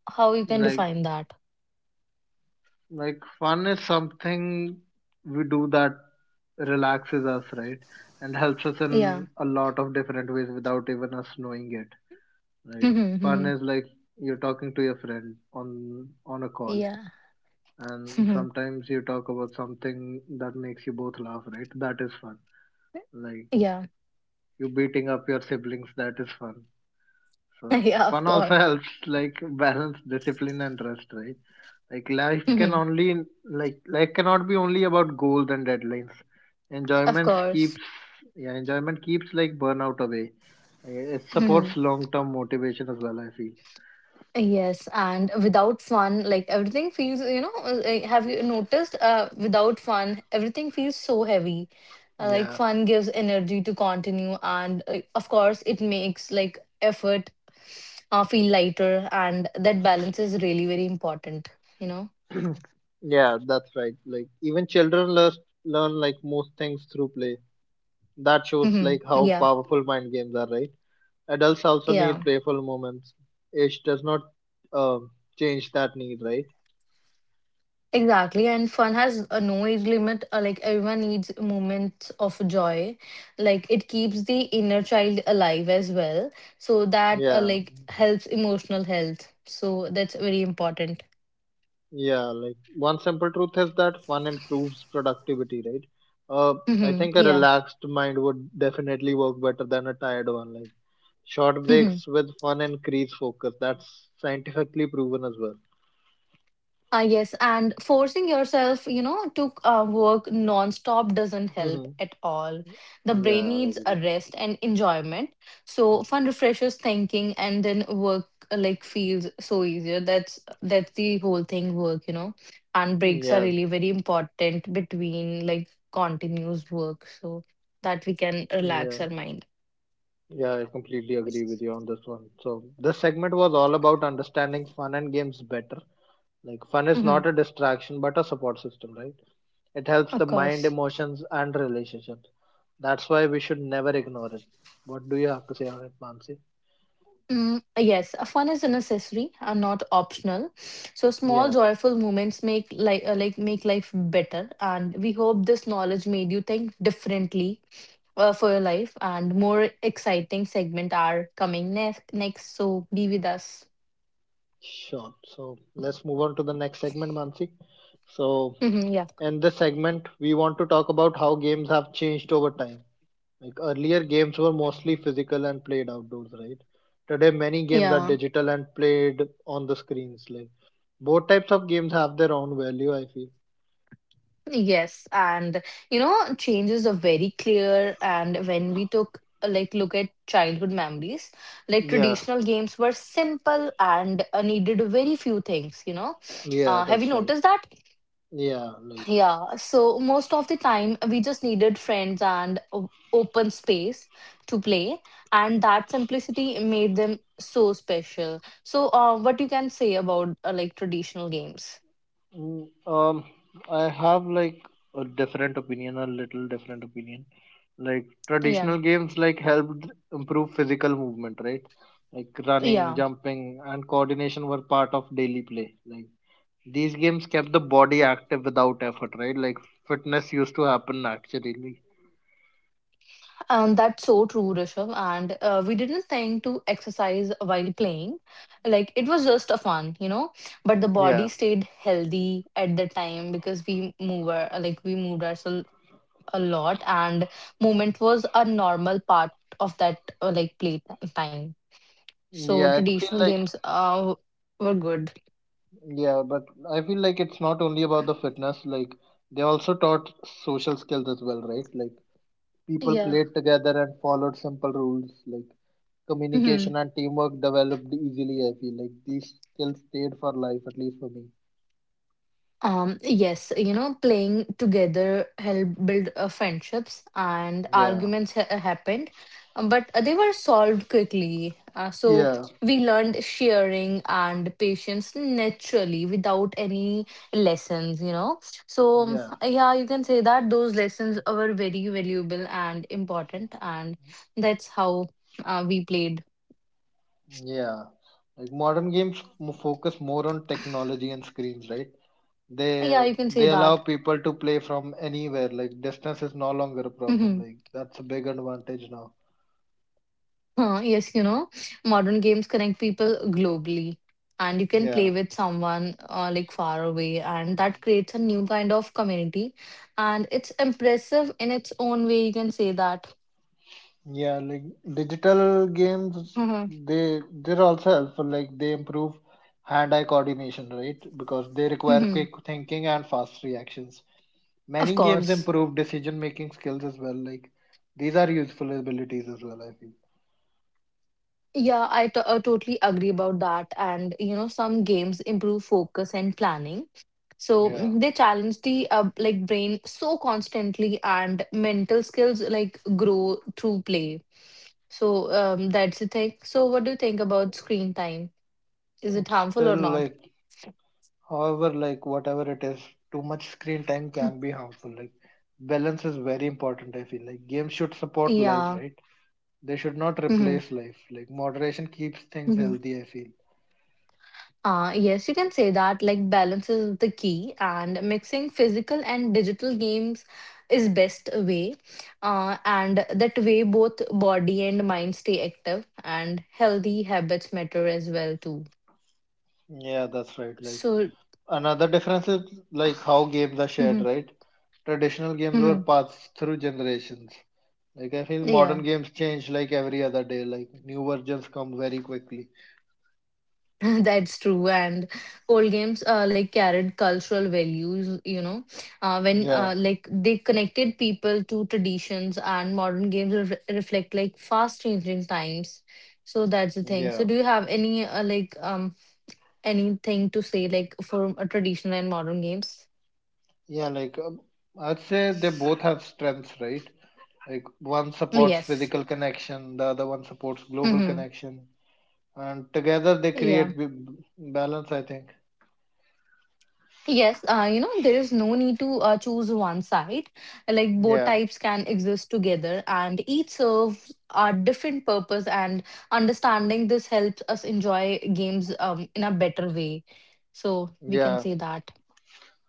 Speaker 2: how you can
Speaker 1: Like
Speaker 2: define that?
Speaker 1: Like fun is something we do that relaxes us, right? And helps us
Speaker 2: Yeah.
Speaker 1: in a lot of different ways without even us knowing it, right?
Speaker 2: Mhm,
Speaker 1: Fun
Speaker 2: mhm.
Speaker 1: is like you're talking to your friend on a call
Speaker 2: Yeah.
Speaker 1: and
Speaker 2: Mhm.
Speaker 1: sometimes you talk about something that makes you both laugh, right? That is fun. Like
Speaker 2: Yeah.
Speaker 1: you beating up your siblings, that is fun. So
Speaker 2: yeah. Of
Speaker 1: fun also
Speaker 2: course.
Speaker 1: helps like balance discipline and rest, right? Like life can
Speaker 2: Mhm.
Speaker 1: only like life cannot be only about goals and deadlines.
Speaker 2: Of
Speaker 1: Enjoyment
Speaker 2: course.
Speaker 1: keeps yeah, enjoyment keeps like burnout away. It
Speaker 2: Mhm.
Speaker 1: supports long term motivation as well, I feel.
Speaker 2: Yes, and without fun, like everything feels, like, have you noticed without fun, everything feels so heavy. Like
Speaker 1: Yeah.
Speaker 2: fun gives energy to continue and of course it makes like effort feel lighter and that balance is really very important, you know.
Speaker 1: Yeah, that's right. Like even children learn like most things through play. That shows
Speaker 2: Hmm.
Speaker 1: like how
Speaker 2: Yeah.
Speaker 1: powerful mind games are, right? Adults also need
Speaker 2: Yeah.
Speaker 1: playful moments. Age does not um change that need, right?
Speaker 2: Exactly, and fun has a no age limit. Like everyone needs moments of joy. Like it keeps the inner child alive as well, so that
Speaker 1: Yeah.
Speaker 2: like helps emotional health. So that's very important.
Speaker 1: Yeah, like one simple truth is that fun improves productivity, right? Uh, I
Speaker 2: Hmm.
Speaker 1: think a
Speaker 2: Yeah.
Speaker 1: relaxed mind would definitely work better than a tired one. Like short breaks with fun increase focus. That's scientifically proven as well.
Speaker 2: Ah, yes, and forcing yourself, to work nonstop doesn't help
Speaker 1: Mhm.
Speaker 2: at all. The brain
Speaker 1: Yeah, I
Speaker 2: needs a
Speaker 1: agree.
Speaker 2: rest and enjoyment. So fun refreshes thinking, and then work like feels so easier. That's the whole thing. Work, and breaks are
Speaker 1: Yeah,
Speaker 2: really very important between like continuous work, so that we can relax
Speaker 1: yeah,
Speaker 2: our mind.
Speaker 1: yeah, I completely agree with you on this one. So, this segment was all about understanding fun and games better. Like, fun is
Speaker 2: Mhm,
Speaker 1: not a distraction but a support system, right? It helps
Speaker 2: of
Speaker 1: the mind,
Speaker 2: course.
Speaker 1: emotions, and relationships. That's why we should never ignore it. What do you have to say on it, Mansi?
Speaker 2: Mm, yes, fun is a necessary and not optional. So small
Speaker 1: Yeah,
Speaker 2: joyful moments make like make life better, and we hope this knowledge made you think differently for your life. And more exciting segment are coming next. Next, so be with us.
Speaker 1: sure. So let's move on to the next segment, Mansi. So
Speaker 2: Hmm, yeah,
Speaker 1: in this segment, we want to talk about how games have changed over time. Like earlier, games were mostly physical and played outdoors, right? Today, many games are
Speaker 2: yeah.
Speaker 1: digital and played on the screens. Like both types of games have their own value. I feel.
Speaker 2: Yes, and changes are very clear. And when we took a, like look at childhood memories, like
Speaker 1: Yeah,
Speaker 2: traditional games were simple and needed very few things.
Speaker 1: yeah,
Speaker 2: Have you
Speaker 1: that's right.
Speaker 2: noticed that?
Speaker 1: Yeah, like
Speaker 2: Yeah. So most of the time, we just needed friends and open space to play, and that simplicity made them so special. So, what you can say about like traditional games?
Speaker 1: mm, um, I have like a different opinion, a little different opinion. Like
Speaker 2: Yeah.
Speaker 1: traditional games, like helped improve physical movement, right? Like running,
Speaker 2: Yeah.
Speaker 1: jumping, and coordination were part of daily play. Like these games kept the body active without effort, right? Like fitness used to happen naturally.
Speaker 2: That's so true, Rishabh. And we didn't think to exercise while playing. Like it was just a fun, you know. But the body
Speaker 1: Yeah,
Speaker 2: stayed healthy at the time because we like we moved ourselves a lot, and movement was a normal part of that like play time. So
Speaker 1: yeah. I feel
Speaker 2: traditional
Speaker 1: like
Speaker 2: games were good.
Speaker 1: yeah, but I feel like it's not only about the fitness. Like they also taught social skills as well, right? Like people
Speaker 2: Yeah.
Speaker 1: played together and followed simple rules like
Speaker 2: Mhm.
Speaker 1: communication and teamwork developed easily. I feel like these skills stayed for life, at least for me.
Speaker 2: Yes, playing together helped build friendships and
Speaker 1: Yeah,
Speaker 2: arguments happened, but they were solved quickly. So
Speaker 1: yeah,
Speaker 2: we learned sharing and patience naturally without any lessons, you know. So,
Speaker 1: yeah,
Speaker 2: yeah, you can say that those lessons were very valuable and important, and that's how we played.
Speaker 1: yeah. Like modern games focus more on technology and screens, right? They
Speaker 2: Yeah, you can say
Speaker 1: they allow
Speaker 2: that.
Speaker 1: people to play from anywhere. Like distance is no longer a problem. Like that's a big advantage now.
Speaker 2: Huh, yes, you know, modern games connect people globally, and you can play
Speaker 1: Yeah.
Speaker 2: with someone like far away, and that creates a new kind of community, and it's impressive in its own way. You can say that.
Speaker 1: Yeah, like digital games,
Speaker 2: Mhm.
Speaker 1: they're also helpful. Like they improve hand-eye coordination, right? Because they require
Speaker 2: Mhm.
Speaker 1: quick thinking and fast reactions.
Speaker 2: Of
Speaker 1: Many games
Speaker 2: course.
Speaker 1: improve decision-making skills as well. Like these are useful abilities as well, I feel.
Speaker 2: Yeah, totally agree about that. And you know, some games improve focus and planning. So
Speaker 1: Yeah.
Speaker 2: they challenge the like brain so constantly, and mental skills like grow through play. So that's the thing. So what do you think about screen time? Is it harmful or
Speaker 1: Still,
Speaker 2: not?
Speaker 1: like, however, like whatever it is, too much screen time
Speaker 2: Mm.
Speaker 1: can be harmful. Like balance is very important, I feel. Like games should support life,
Speaker 2: Yeah.
Speaker 1: right? They should not
Speaker 2: Hmm.
Speaker 1: replace life. Like moderation keeps things
Speaker 2: Hmm.
Speaker 1: healthy, I feel.
Speaker 2: Yes, you can say that. Like, balance is the key, and mixing physical and digital games is best way. And that way, both body and mind stay active, and healthy habits matter as well too.
Speaker 1: Yeah, that's right. Like
Speaker 2: So,
Speaker 1: another difference is like how games are shared,
Speaker 2: hmm.
Speaker 1: right? Traditional games were
Speaker 2: Hmm.
Speaker 1: passed through generations. Like I feel modern
Speaker 2: Yeah.
Speaker 1: games change like every other day. Like new versions come very quickly.
Speaker 2: That's true. And old games like carried cultural values, you know, when
Speaker 1: Yeah,
Speaker 2: like they connected people to traditions and modern games re reflect like fast changing times. So that's the thing. So
Speaker 1: yeah,
Speaker 2: do you have any anything to say like for traditional and modern games?
Speaker 1: yeah. Like I'd say they both have strengths, right? Like one supports
Speaker 2: Yes.
Speaker 1: physical connection, the other one supports global
Speaker 2: Mm-hmm.
Speaker 1: connection, and together they
Speaker 2: Yeah.
Speaker 1: create balance, I think.
Speaker 2: Yes, there is no need to choose one side. Like both
Speaker 1: Yeah,
Speaker 2: types can exist together and each serves a different purpose and understanding this helps us enjoy games in a better way. So we can
Speaker 1: yeah.
Speaker 2: say that.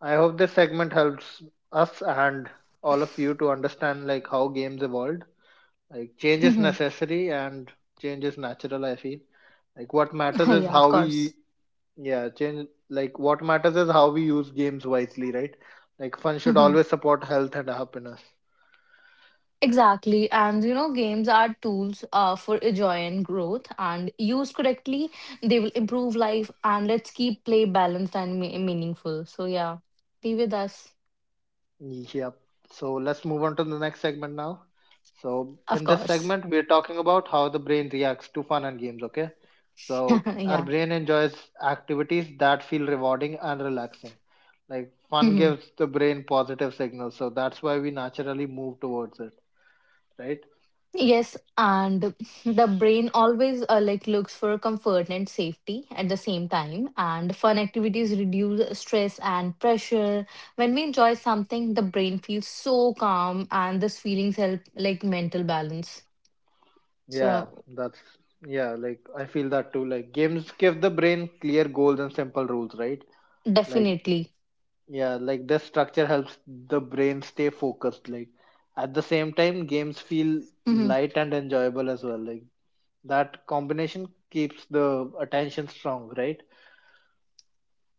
Speaker 1: I hope this segment helps us and all of you to understand like how games evolved. Like change is
Speaker 2: Mhm.
Speaker 1: necessary and change is natural, I feel. Like what matters is
Speaker 2: Yeah, of
Speaker 1: how
Speaker 2: course.
Speaker 1: we yeah, change like what matters is how we use games wisely, right? Like fun should
Speaker 2: Mhm.
Speaker 1: always support health and happiness.
Speaker 2: Exactly. And you know, games are tools for joy and growth and used correctly, they will improve life and let's keep play balanced and meaningful. So yeah, be with us.
Speaker 1: Yep. So let's move on to the next segment now. So
Speaker 2: Of
Speaker 1: in this
Speaker 2: course.
Speaker 1: segment, we're talking about how the brain reacts to fun and games. Okay. So our
Speaker 2: yeah.
Speaker 1: brain enjoys activities that feel rewarding and relaxing. Like fun
Speaker 2: Hmm.
Speaker 1: gives the brain positive signals, so that's why we naturally move towards it, right?
Speaker 2: Yes, and the brain always like looks for comfort and safety at the same time. And fun activities reduce stress and pressure. When we enjoy something, the brain feels so calm, and these feelings help like mental balance.
Speaker 1: Yeah,
Speaker 2: So
Speaker 1: that's yeah. Like I feel that too. Like games give the brain clear goals and simple rules, right? Like
Speaker 2: definitely.
Speaker 1: Yeah, like the structure helps the brain stay focused. Like at the same time, games feel
Speaker 2: Mm-hmm.
Speaker 1: light and enjoyable as well. Like that combination keeps the attention strong, right?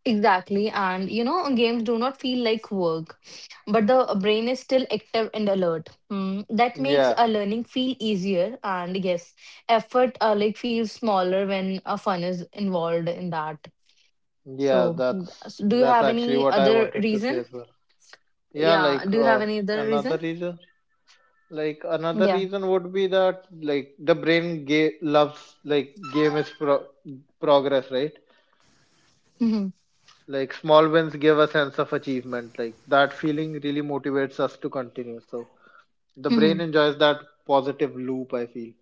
Speaker 2: Exactly. And you know, games do not feel like work, but the brain is still active and alert. That makes
Speaker 1: Yeah,
Speaker 2: a learning feel easier. And yes, effort like feels smaller when a fun is involved in that.
Speaker 1: yeah,
Speaker 2: So, mm,
Speaker 1: that's
Speaker 2: so do you
Speaker 1: that's
Speaker 2: have
Speaker 1: actually
Speaker 2: any
Speaker 1: what I
Speaker 2: other
Speaker 1: wanted to say
Speaker 2: reason?
Speaker 1: as well. Yeah,
Speaker 2: Yeah.
Speaker 1: like
Speaker 2: Do you have any other
Speaker 1: another
Speaker 2: reason?
Speaker 1: reason, like another
Speaker 2: Yeah.
Speaker 1: reason would be that like the brain loves like progress, right?
Speaker 2: hmm
Speaker 1: Like small wins give a sense of achievement. Like that feeling really motivates us to continue. So the brain enjoys that positive loop, I feel.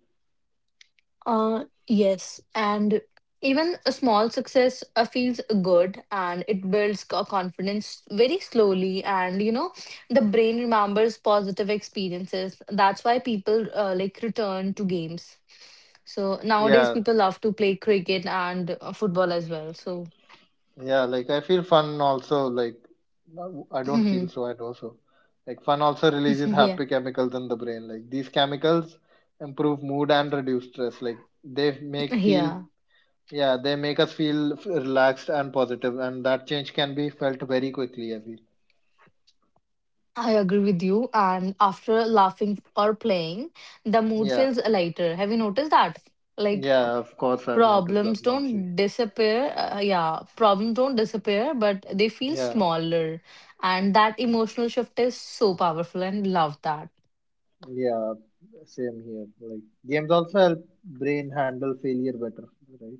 Speaker 2: yes, and even a small success feels good and it builds confidence very slowly. And you know, the brain remembers positive experiences. That's why people like return to games. So nowadays,
Speaker 1: Yeah,
Speaker 2: people love to play cricket and football as well. So,
Speaker 1: yeah, like I feel fun also. Like no, I don't feel so, I also. Like fun also releases
Speaker 2: yeah,
Speaker 1: happy chemicals in the brain. Like these chemicals improve mood and reduce stress. Like they make feel,
Speaker 2: yeah.
Speaker 1: yeah, they make us feel relaxed and positive, and that change can be felt very quickly, I feel.
Speaker 2: I agree with you. And after laughing or playing, the mood
Speaker 1: Yeah,
Speaker 2: feels lighter. Have you noticed that? Like
Speaker 1: yeah, of course I've noticed that,
Speaker 2: Problems
Speaker 1: Mansi.
Speaker 2: don't disappear. Yeah, problems don't disappear, but they feel
Speaker 1: Yeah.
Speaker 2: smaller. And that emotional shift is so powerful and love that.
Speaker 1: Yeah, same here. Like games also help brain handle failure better, right?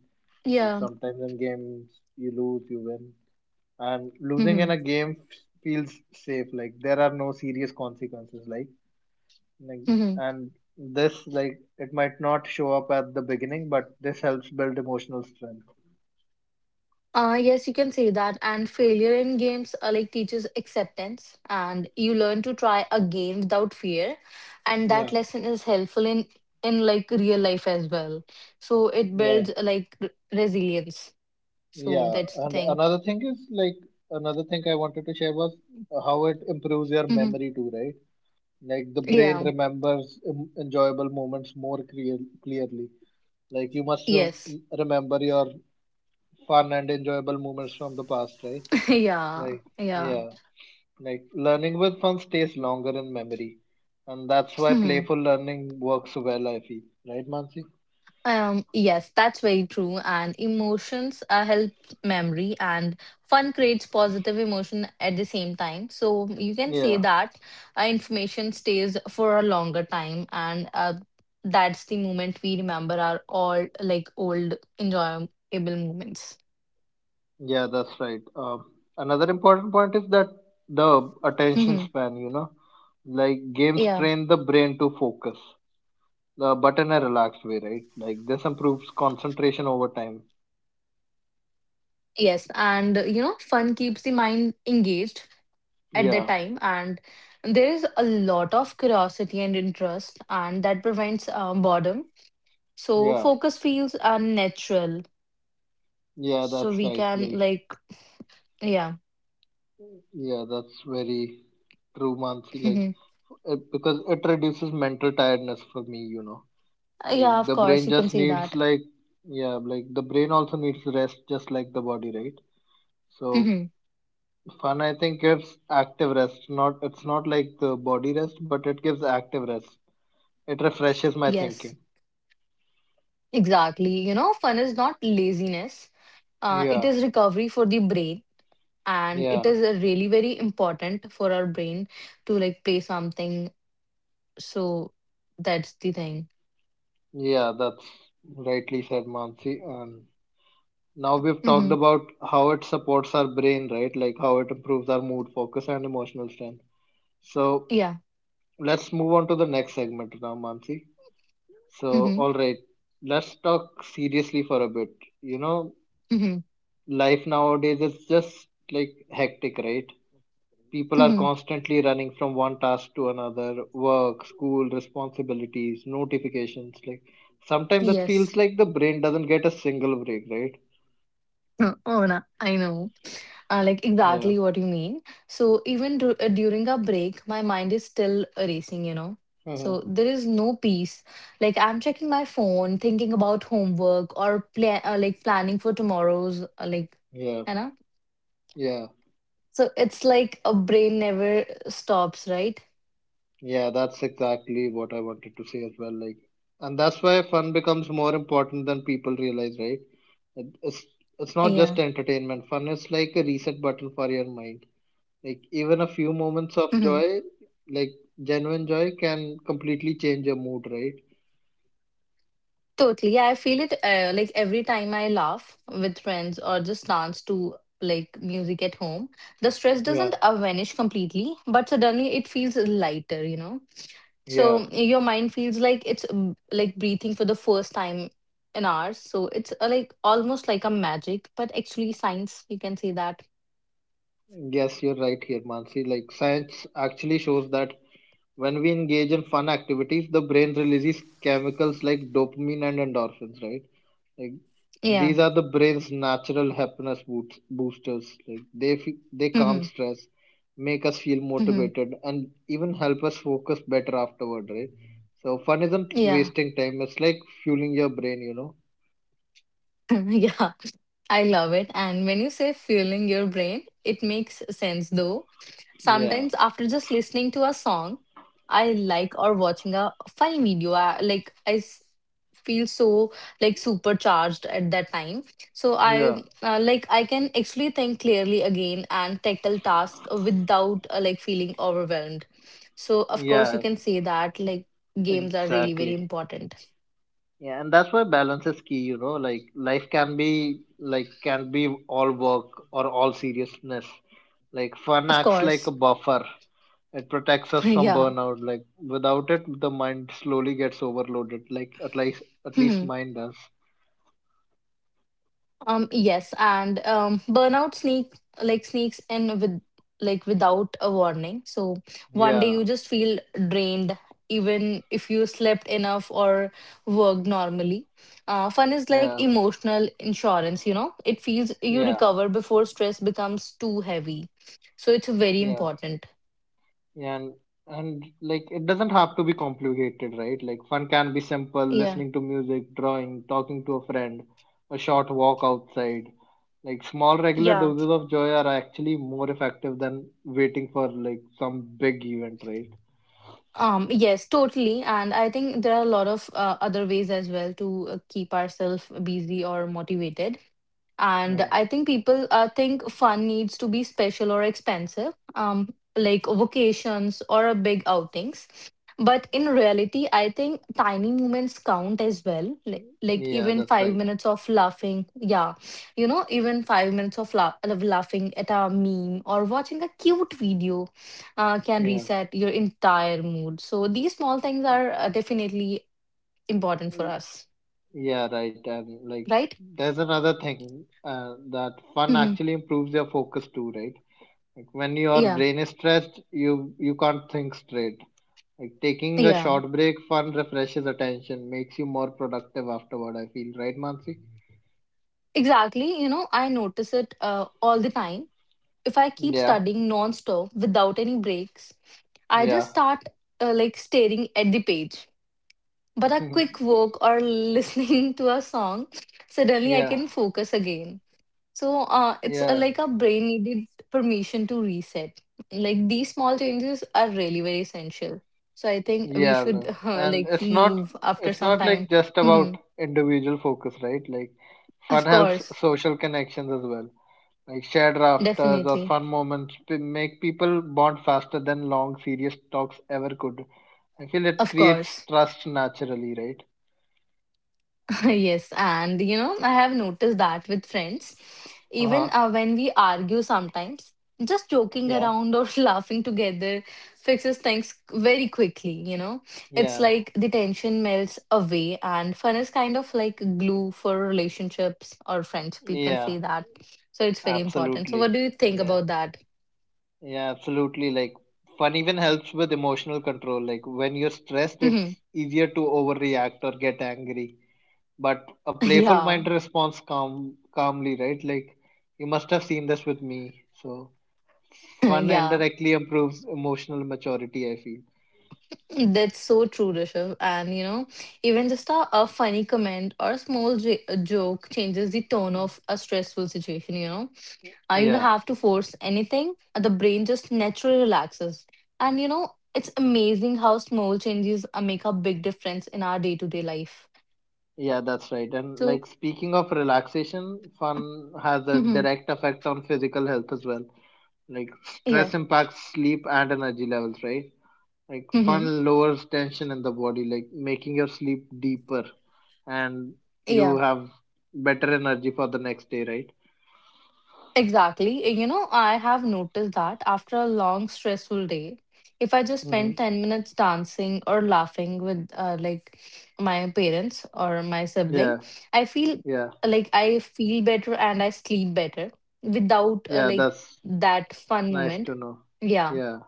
Speaker 1: Like
Speaker 2: Yeah.
Speaker 1: sometimes in games you lose, you win, and losing in
Speaker 2: Mm-hmm.
Speaker 1: a feels safe. Like there are no serious consequences. Like
Speaker 2: Mm-hmm.
Speaker 1: and this like it might not show up at the beginning, but this helps build emotional strength.
Speaker 2: Yes, you can say that. And failure in games like teaches acceptance, and you learn to try again without fear. And
Speaker 1: Yeah,
Speaker 2: that lesson is helpful in like real life as well. So it
Speaker 1: yeah,
Speaker 2: builds like resilience. So
Speaker 1: yeah.
Speaker 2: that's the
Speaker 1: And
Speaker 2: thing.
Speaker 1: another thing is like another thing I wanted to share was how it improves your
Speaker 2: Mm-hmm.
Speaker 1: memory too, right? Like the brain
Speaker 2: Yeah.
Speaker 1: remembers enjoyable moments more clearly. Like you must
Speaker 2: Yes.
Speaker 1: remember your fun and enjoyable moments from the past, right?
Speaker 2: Yeah,
Speaker 1: Like,
Speaker 2: yeah.
Speaker 1: yeah, like learning with fun stays longer in memory. And that's why
Speaker 2: Hmm.
Speaker 1: playful learning works well, I feel. Right, Mansi?
Speaker 2: Yes, that's very true. And emotions help memory, and fun creates positive emotion at the same time. So you can
Speaker 1: Yeah,
Speaker 2: say that information stays for a longer time, and that's the moment we remember our all like old enjoyable moments.
Speaker 1: yeah, that's right. Another important point is that the attention span, like games
Speaker 2: yeah.
Speaker 1: train the brain to focus. The but in a relaxed way, right? Like this improves concentration over time.
Speaker 2: Yes, and you know, fun keeps the mind engaged at the
Speaker 1: Yeah,
Speaker 2: time, and there is a lot of curiosity and interest, and that prevents boredom, so
Speaker 1: yeah,
Speaker 2: focus feels unnatural,
Speaker 1: yeah.
Speaker 2: so
Speaker 1: That's
Speaker 2: we
Speaker 1: right.
Speaker 2: can like yeah.
Speaker 1: Yeah, that's very true, Mansi. Like
Speaker 2: Mhm.
Speaker 1: it, because it reduces mental tiredness for me. Like
Speaker 2: Yeah, of
Speaker 1: the
Speaker 2: course,
Speaker 1: brain
Speaker 2: you can
Speaker 1: just
Speaker 2: say
Speaker 1: needs
Speaker 2: that.
Speaker 1: like yeah, like the brain also needs rest, just like the body, right? So
Speaker 2: Mhm.
Speaker 1: fun, I think, gives active rest. Not it's not like the body rest, but it gives active rest. It refreshes my
Speaker 2: Yes,
Speaker 1: thinking.
Speaker 2: exactly, you know, fun is not laziness, it
Speaker 1: Yeah,
Speaker 2: is recovery for the brain, and it
Speaker 1: yeah.
Speaker 2: is a really very important for our brain to like play something. So that's the thing.
Speaker 1: Yeah, that's rightly said, Mansi. And now we've talked
Speaker 2: Mm-hmm.
Speaker 1: about how it supports our brain, right? Like how it improves our mood, focus, and emotional strength. So
Speaker 2: Yeah.
Speaker 1: let's move on to the next segment now, Mansi. So,
Speaker 2: Mm-hmm.
Speaker 1: all right, let's talk seriously for a bit. You know,
Speaker 2: Mm-hmm.
Speaker 1: life nowadays is just like hectic, right? People are
Speaker 2: Mm-hmm.
Speaker 1: constantly running from one task to another, work, school, responsibilities, notifications. Like sometimes that
Speaker 2: Yes.
Speaker 1: feels like the brain doesn't get a single break, right?
Speaker 2: Oh, no. I know.
Speaker 1: Yeah.
Speaker 2: Exactly what you mean. So even during a break, my mind is still racing, you know. So
Speaker 1: Mhm.
Speaker 2: there is no peace. Like I'm checking my phone, thinking about homework or planning for tomorrow's,
Speaker 1: Yeah.
Speaker 2: you know.
Speaker 1: Yeah.
Speaker 2: So it's like a brain never stops, right?
Speaker 1: Yeah. That's exactly what I wanted to say as well. Like, and that's why fun becomes more important than people realize, right? It- It's it's not just
Speaker 2: Yeah.
Speaker 1: entertainment. Fun is like a reset button for your mind. Like even a few
Speaker 2: Mm-hmm.
Speaker 1: moments of joy, like genuine joy, can completely change your mood, right?
Speaker 2: Totally. Yeah, I feel it like every time I laugh with friends or just dance to like music at home, the stress
Speaker 1: Yeah,
Speaker 2: doesn't vanish completely, but suddenly it feels lighter, you know?
Speaker 1: yeah,
Speaker 2: So your mind feels like it's like breathing for the first time in hours. So it's like almost like a magic, but actually science, you can say that.
Speaker 1: yes, you're right here, Mansi. Like, science actually shows that when we engage in fun activities, the brain releases chemicals like dopamine and endorphins, right? Like,
Speaker 2: Yeah.
Speaker 1: these are the brain's natural happiness boosters. Like, they they calm
Speaker 2: Hmm.
Speaker 1: stress, make us feel
Speaker 2: Hmm.
Speaker 1: motivated, and even help us focus better afterward, right? So, fun isn't
Speaker 2: Yeah.
Speaker 1: wasting time. It's like fueling your brain, you know?
Speaker 2: yeah. I love it. And when you say fueling your brain, it makes sense though.
Speaker 1: Yeah,
Speaker 2: Sometimes after just listening to a song I like or watching a funny video, I feel so like supercharged at that time. So
Speaker 1: yeah,
Speaker 2: I can actually think clearly again and tackle tasks without like feeling overwhelmed. So of course you
Speaker 1: yeah,
Speaker 2: can say that like games are really very
Speaker 1: exactly.
Speaker 2: important.
Speaker 1: Yeah, and that's why balance is key, like life can be like can be all work or all seriousness. Like fun
Speaker 2: Of
Speaker 1: acts like a
Speaker 2: course.
Speaker 1: buffer. It protects us from
Speaker 2: yeah.
Speaker 1: burnout. Like without it the mind slowly gets overloaded. Like at least mine does.
Speaker 2: Yes, and burnout sneaks in with like without a warning. So one day
Speaker 1: Yeah.
Speaker 2: you just feel drained, even if you slept enough or worked normally. Fun is like
Speaker 1: Yeah.
Speaker 2: emotional insurance, you know. It feels you
Speaker 1: Yeah.
Speaker 2: recover before stress becomes too heavy. So it's very
Speaker 1: Yeah.
Speaker 2: important.
Speaker 1: Yeah, and like it doesn't have to be complicated, right? Like fun can be simple,
Speaker 2: Yeah.
Speaker 1: listening to music, drawing, talking to a friend, a short walk outside. Like small regular
Speaker 2: Yeah.
Speaker 1: doses of joy are actually more effective than waiting for like some big event, right?
Speaker 2: Yes, totally. And I think there are a lot of other ways as well to keep ourselves busy or motivated. And
Speaker 1: Yeah.
Speaker 2: I think people think fun needs to be special or expensive, like vacations or a big outings, but in reality I think tiny moments count as well, like
Speaker 1: Yeah,
Speaker 2: even
Speaker 1: that's
Speaker 2: 5
Speaker 1: right.
Speaker 2: minutes of laughing, yeah. You know, even 5 minutes of laughing at a meme or watching a cute video can
Speaker 1: Yeah.
Speaker 2: reset your entire mood. So these small things are definitely important for
Speaker 1: Mm,
Speaker 2: us,
Speaker 1: yeah, right. And like
Speaker 2: right?
Speaker 1: there's another thing that fun
Speaker 2: Hmm.
Speaker 1: actually improves your focus too, right? Like when your
Speaker 2: Yeah.
Speaker 1: brain is stressed, you can't think straight. Like taking a
Speaker 2: Yeah.
Speaker 1: short break fun refreshes attention, makes you more productive afterward, I feel, right, Mansi?
Speaker 2: Exactly, you know, I notice it all the time. If I keep
Speaker 1: Yeah,
Speaker 2: studying non-stop without any breaks, I just
Speaker 1: yeah.
Speaker 2: start like staring at the page. But a quick walk or listening to a song, suddenly I
Speaker 1: yeah,
Speaker 2: can focus again. So it's
Speaker 1: yeah,
Speaker 2: like our brain needed permission to reset. Like these small changes are really very essential. So I think we
Speaker 1: yeah.
Speaker 2: should
Speaker 1: No. And it's not
Speaker 2: move after
Speaker 1: it's
Speaker 2: some
Speaker 1: not like
Speaker 2: time.
Speaker 1: just about
Speaker 2: Mhm.
Speaker 1: individual focus, right? Like fun
Speaker 2: Of
Speaker 1: helps
Speaker 2: course,
Speaker 1: social connections as well. Like shared rafters or
Speaker 2: definitely.
Speaker 1: fun make people bond faster than long serious talks ever could. I feel it
Speaker 2: Of
Speaker 1: creates
Speaker 2: course.
Speaker 1: trust naturally, right?
Speaker 2: Yes, and you know, I have noticed that with friends, even
Speaker 1: Uh-huh.
Speaker 2: when we argue sometimes, just joking
Speaker 1: Yeah.
Speaker 2: around or laughing together fixes things very quickly, you know. It's
Speaker 1: Yeah.
Speaker 2: like the tension melts away, and fun is kind of like glue for relationships or friendship, you can
Speaker 1: Yeah.
Speaker 2: say that. So it's very important. So, what
Speaker 1: Absolutely.
Speaker 2: do you think
Speaker 1: Yeah.
Speaker 2: about that?
Speaker 1: Yeah, absolutely. Like fun even helps with emotional control. Like when you're stressed, it's easier to overreact or get angry. But a playful mind
Speaker 2: Yeah,
Speaker 1: responds calmly, right? Like you must have seen this with me. So fun
Speaker 2: yeah.
Speaker 1: indirectly improves emotional maturity, I feel.
Speaker 2: That's so true, Rishabh. And you know, even just a funny comment or a joke changes the tone of a stressful situation. You know, you don't
Speaker 1: Yeah,
Speaker 2: have to force anything. The brain just naturally relaxes, and you know, it's amazing how small changes make a big difference in our day to day life.
Speaker 1: yeah, that's right. And
Speaker 2: So,
Speaker 1: like speaking of relaxation, fun has a
Speaker 2: hmm,
Speaker 1: direct effect on physical health as well. Like
Speaker 2: yeah.
Speaker 1: stress impacts sleep and energy levels, right? Like
Speaker 2: Hmm,
Speaker 1: fun lowers tension in the body, like making your sleep deeper, and you
Speaker 2: yeah.
Speaker 1: have better energy for the next day, right?
Speaker 2: Exactly. You know, I have noticed that after a long, stressful day, if I just
Speaker 1: Mm-hmm.
Speaker 2: spend 10 minutes dancing or laughing with like my parents or my
Speaker 1: Yeah,
Speaker 2: sibling, I feel
Speaker 1: yeah,
Speaker 2: better and I sleep better without
Speaker 1: yeah.
Speaker 2: like
Speaker 1: That's
Speaker 2: that fun
Speaker 1: nice
Speaker 2: moment.
Speaker 1: to know.
Speaker 2: Yeah.
Speaker 1: Yeah,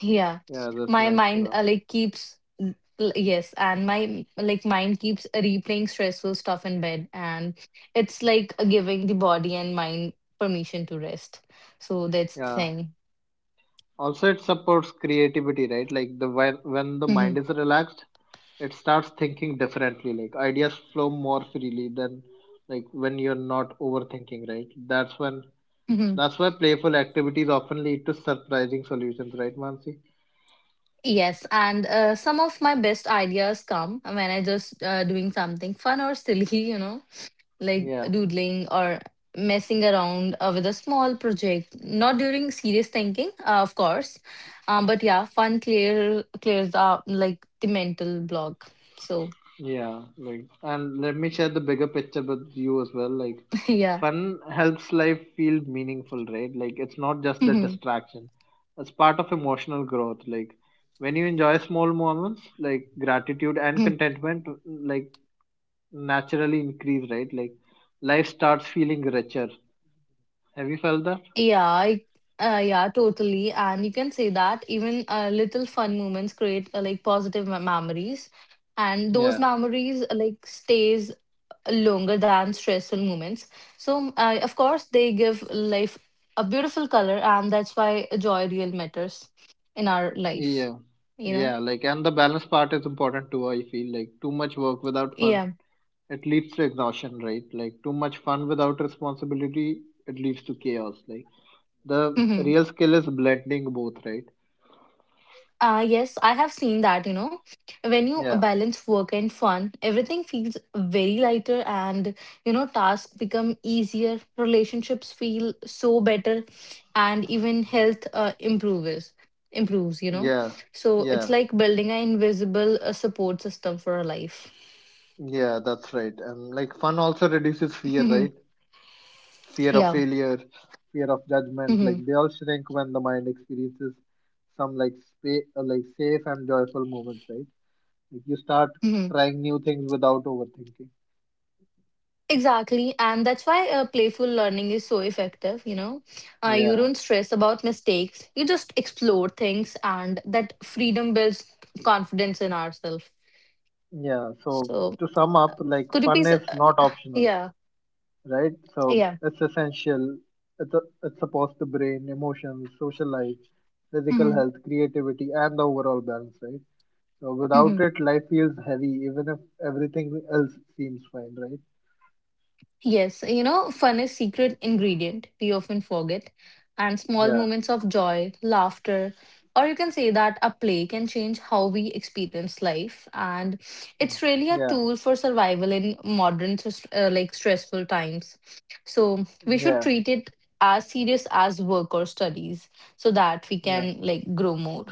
Speaker 2: Yeah,
Speaker 1: yeah. That's
Speaker 2: my
Speaker 1: nice to
Speaker 2: mind
Speaker 1: know.
Speaker 2: like keeps yes, and my mind keeps replaying stressful stuff in bed, and it's like giving the body and mind permission to rest. So that's the
Speaker 1: Yeah.
Speaker 2: thing.
Speaker 1: Also, it supports creativity, right? Like the when the
Speaker 2: Hmm.
Speaker 1: mind is relaxed, it starts thinking differently. Like ideas flow more freely than like when you're not overthinking, right? That's when
Speaker 2: Hmm.
Speaker 1: That's why playful activities often lead to surprising solutions, right, Mansi?
Speaker 2: Yes, and some of my best ideas come when I just doing something fun or silly, you know. Like
Speaker 1: Yeah,
Speaker 2: doodling or messing around with a small project, not during serious thinking, of course. But yeah, fun clears up like the mental block. So
Speaker 1: yeah. Like, and let me share the bigger picture with you as well. Like,
Speaker 2: yeah.
Speaker 1: fun helps life feel meaningful, right? Like, it's not just the
Speaker 2: Mhm.
Speaker 1: distraction. It's part of emotional growth. Like, when you enjoy small moments, like gratitude and
Speaker 2: Mhm.
Speaker 1: contentment, like naturally increase, right? Like, life starts feeling richer. Have you felt that?
Speaker 2: Yeah, I, yeah, totally, and you can say that even little fun moments create like positive memories, and those
Speaker 1: Yeah.
Speaker 2: memories like stays longer than stressful moments. So, of course, they give life a beautiful color, and that's why joy real matters in our life.
Speaker 1: Yeah,
Speaker 2: You know?
Speaker 1: yeah, like, and the balance part is important too. I feel like too much work without fun,
Speaker 2: Yeah.
Speaker 1: it leads to exhaustion, right? Like, too much fun without responsibility, it leads to chaos. Like, the
Speaker 2: Mm-hmm.
Speaker 1: real skill is blending both, right?
Speaker 2: Yes, I have seen that, you know, when you
Speaker 1: Yeah,
Speaker 2: balance work and fun, everything feels very lighter and, you know, tasks become easier, relationships feel so better, and even health improves, you know.
Speaker 1: yeah,
Speaker 2: So it's
Speaker 1: yeah,
Speaker 2: like building an invisible support system for a life.
Speaker 1: yeah, that's right. And like, fun also reduces fear, right? Fear of
Speaker 2: yeah.
Speaker 1: failure, fear of judgment, like,
Speaker 2: Hmm.
Speaker 1: they all shrink when the mind experiences some like safe and joyful moments, right? Like you start trying new things without overthinking.
Speaker 2: Exactly, and that's why playful learning is so effective. You know, you
Speaker 1: Yeah,
Speaker 2: don't stress about mistakes, you just explore things, and that freedom builds confidence in ourselves.
Speaker 1: yeah. So
Speaker 2: So,
Speaker 1: to sum up, like
Speaker 2: could you
Speaker 1: fun
Speaker 2: please,
Speaker 1: is not optional,
Speaker 2: yeah,
Speaker 1: right? So
Speaker 2: yeah.
Speaker 1: it's essential. It's a, it supports the brain, emotions, social life, physical
Speaker 2: Hmm.
Speaker 1: health, creativity, and the overall balance, right? So without
Speaker 2: Hmm.
Speaker 1: it, life feels heavy, even if everything else seems fine, right?
Speaker 2: Yes, you know, fun is secret ingredient we often forget, and small
Speaker 1: Yeah,
Speaker 2: moments of joy, laughter, or you can say that a play can change how we experience life, and it's really a
Speaker 1: yeah,
Speaker 2: tool for survival in modern stressful times. So we should
Speaker 1: yeah,
Speaker 2: treat it as serious as work or studies so that we
Speaker 1: yeah.
Speaker 2: can like grow more,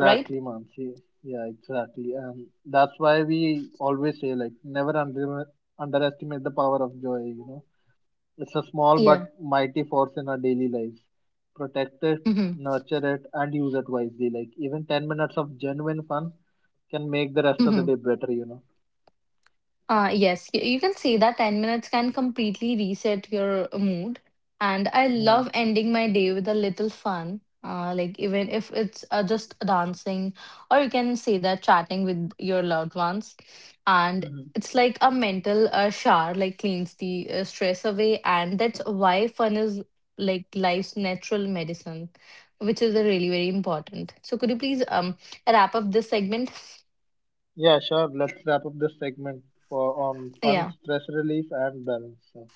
Speaker 2: right?
Speaker 1: Mansi. Yeah, exactly. And that's why we always say, like, never underestimate the power of joy, you know. It's a small but
Speaker 2: Yeah.
Speaker 1: mighty force in our daily lives. Protect it,
Speaker 2: Mm-hmm.
Speaker 1: nurture it, and use it wisely. Like, even 10 minutes of genuine fun can make the rest of the
Speaker 2: Mm-hmm.
Speaker 1: day better, you know.
Speaker 2: Yes, you can say that 10 minutes can completely reset your mood. And I love ending my day with a little fun, even if it's just dancing, or you can say that chatting with your loved ones. And
Speaker 1: Mm-hmm.
Speaker 2: it's like a mental shower, like cleans the stress away. And that's why fun is like life's natural medicine, which is really very important. So could you please wrap up this segment?
Speaker 1: Yeah, sure. Let's wrap up this segment for on fun,
Speaker 2: Yeah.
Speaker 1: stress relief, and balance. So,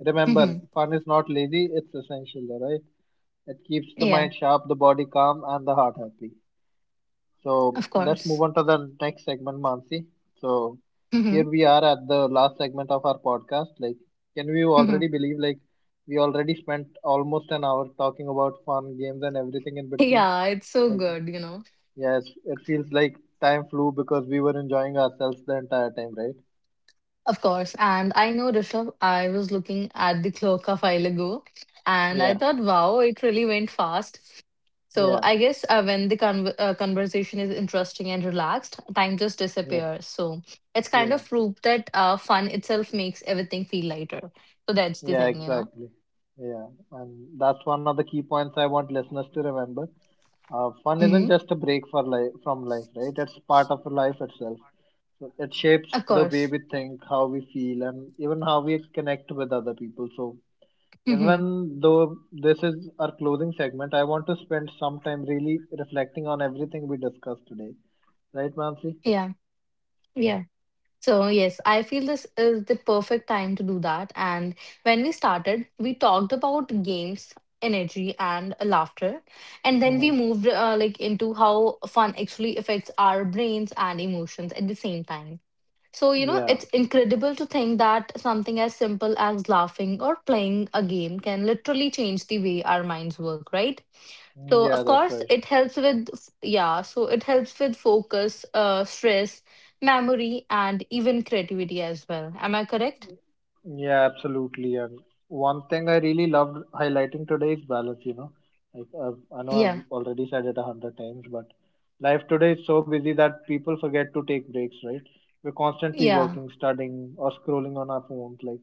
Speaker 1: remember,
Speaker 2: Hmm.
Speaker 1: fun is not lazy, it's essential, alright? It keeps the
Speaker 2: Yeah,
Speaker 1: mind sharp, the body calm, and the heart happy. So
Speaker 2: of
Speaker 1: let's move
Speaker 2: course.
Speaker 1: on to the next segment, Mansi. So here
Speaker 2: Hmm.
Speaker 1: we are at the last segment of our podcast. Like, can we
Speaker 2: Mhm.
Speaker 1: already believe like we already spent almost an hour talking about fun games and everything in between?
Speaker 2: Yeah, it's so
Speaker 1: Like,
Speaker 2: good, you know.
Speaker 1: yes, it feels like time flew because we were enjoying ourselves the entire time, right?
Speaker 2: Of course. And I know, Rishabh, I was looking at the clock a while ago and
Speaker 1: Yeah,
Speaker 2: I thought, wow, it really went fast. So
Speaker 1: yeah,
Speaker 2: I guess when the conversation is interesting and relaxed, time just
Speaker 1: yeah,
Speaker 2: disappears. So it's kind
Speaker 1: yeah,
Speaker 2: of proof that fun itself makes everything feel lighter. So that's the
Speaker 1: yeah,
Speaker 2: thing, you know?
Speaker 1: exactly. Yeah, and that's one of the key points I want listeners to remember. Fun isn't
Speaker 2: Hmm.
Speaker 1: just a break for life from life, right? It's part of life itself. So it shapes
Speaker 2: Of
Speaker 1: the way
Speaker 2: course.
Speaker 1: we think, how we feel, and even how we connect with other people. So
Speaker 2: Hmm.
Speaker 1: even though this is our closing segment, I want to spend some time really reflecting on everything we discussed today, right, Mansi?
Speaker 2: Yeah. Yeah. So, yes, I feel this is the perfect time to do that. And when we started, we talked about games, energy, and laughter. And then we
Speaker 1: hmm
Speaker 2: moved like into how fun actually affects our brains and emotions at the same time. So, you know,
Speaker 1: Yeah,
Speaker 2: it's incredible to think that something as simple as laughing or playing a game can literally change the way our minds work, right? So of
Speaker 1: yeah, that's
Speaker 2: course
Speaker 1: right.
Speaker 2: it helps with focus, stress, memory, and even creativity as well. Am I correct?
Speaker 1: Yeah, absolutely. And one thing I really loved highlighting today is balance, you know. Like I know
Speaker 2: Yeah,
Speaker 1: I've already said it a hundred times, but life today is so busy that people forget to take breaks, right? We're constantly
Speaker 2: yeah.
Speaker 1: working, studying, or scrolling on our phones. Like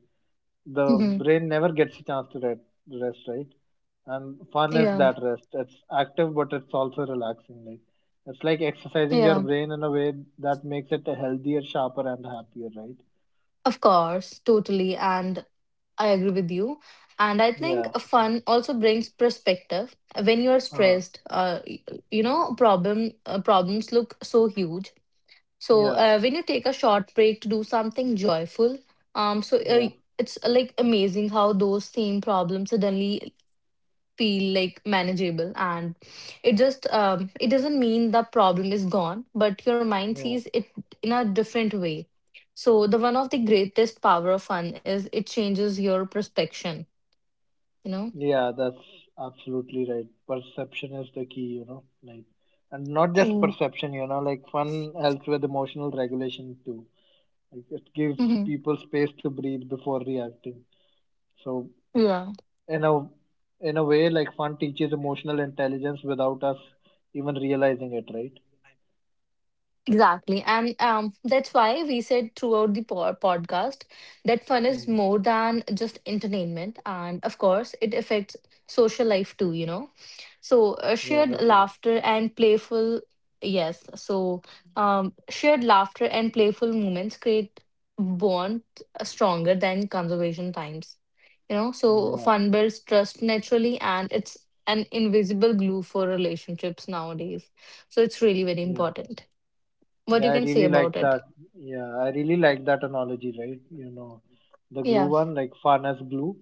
Speaker 1: the
Speaker 2: Hmm.
Speaker 1: brain never gets a chance to rest, right? And fun is
Speaker 2: Yeah,
Speaker 1: that rest. It's active, but it's also relaxing. Like it's like exercising your
Speaker 2: yeah.
Speaker 1: brain in a way that makes it healthier, sharper, and happier, right?
Speaker 2: Of course, totally, and I agree with you. And I think
Speaker 1: Yeah.
Speaker 2: fun also brings perspective. When you are
Speaker 1: Uh,
Speaker 2: stressed, you know, problems look so huge. So
Speaker 1: yeah.
Speaker 2: when you take a short break to do something joyful, so
Speaker 1: Yeah,
Speaker 2: it's like amazing how those same problems suddenly feel like manageable, and it doesn't mean the problem is gone, but your mind
Speaker 1: yeah,
Speaker 2: sees it in a different way. So the one of the greatest power of fun is it changes your perspective. You know.
Speaker 1: yeah, that's absolutely right. Perception is the key, you know, like, and not just
Speaker 2: Mm.
Speaker 1: perception, you know, like fun helps with emotional regulation too. Like it gives
Speaker 2: Hmm.
Speaker 1: people space to breathe before reacting. So
Speaker 2: Yeah.
Speaker 1: in a in a way, like fun teaches emotional intelligence without us even realizing it, right?
Speaker 2: Exactly. And that's why we said throughout the podcast that fun is
Speaker 1: Mm.
Speaker 2: more than just entertainment. And of course, it affects social life too, you know. So,
Speaker 1: Yeah,
Speaker 2: shared
Speaker 1: that's right.
Speaker 2: laughter and playful, yes. So, shared laughter and playful moments create bond stronger than conservation times, you know. So,
Speaker 1: Yeah,
Speaker 2: fun builds trust naturally, and it's an invisible glue for relationships nowadays. So, it's really very
Speaker 1: yeah.
Speaker 2: important what
Speaker 1: Yeah,
Speaker 2: you
Speaker 1: I
Speaker 2: can say
Speaker 1: really
Speaker 2: about
Speaker 1: like
Speaker 2: it.
Speaker 1: that. Yeah, I really like that analogy, right? You know, the glue
Speaker 2: Yeah.
Speaker 1: one, like fun as glue,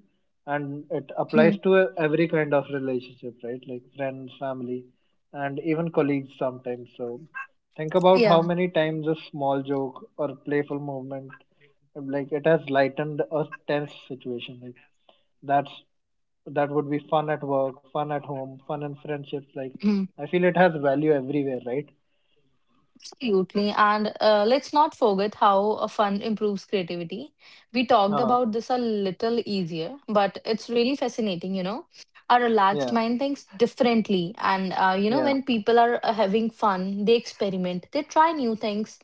Speaker 1: and it applies
Speaker 2: Mhm.
Speaker 1: to every kind of relationship, right? Like friends, family, and even colleagues sometimes. So, think about how
Speaker 2: Yeah.
Speaker 1: many times a small joke or playful movement, like it has lightened a tense situation. Like that's that would be fun at work, fun at home, fun in friendships. Like
Speaker 2: Mhm.
Speaker 1: I feel it has value everywhere, right?
Speaker 2: Absolutely. And let's not forget how fun improves creativity. We talked
Speaker 1: Uh,
Speaker 2: about this a little easier, but it's really fascinating, you know. A relaxed
Speaker 1: yeah,
Speaker 2: mind thinks differently. And, you know,
Speaker 1: yeah.
Speaker 2: when people are having fun, they experiment, they try new things,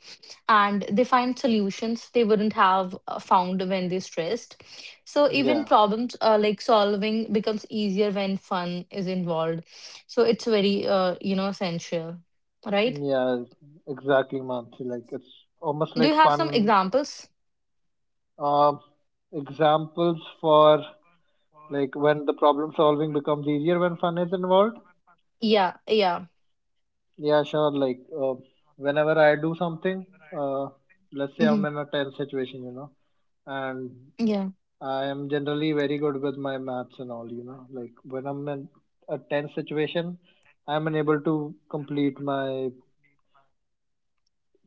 Speaker 2: and they find solutions they wouldn't have found when they're stressed. So even
Speaker 1: Yeah,
Speaker 2: problems like solving becomes easier when fun is involved. So it's very, you know, essential, right?
Speaker 1: yeah, exactly, Mansi. Like it's almost
Speaker 2: Do
Speaker 1: like
Speaker 2: you have some
Speaker 1: fun
Speaker 2: examples?
Speaker 1: um examples for like when the problem solving becomes easier when fun is involved.
Speaker 2: Yeah, yeah.
Speaker 1: Yeah, sure. Like whenever I do something, uh, let's say I'm
Speaker 2: Hmm.
Speaker 1: in a tense situation, you know, and
Speaker 2: Yeah.
Speaker 1: I am generally very good with my maths and all, you know. Like when I'm in a tense situation, I'm unable to complete my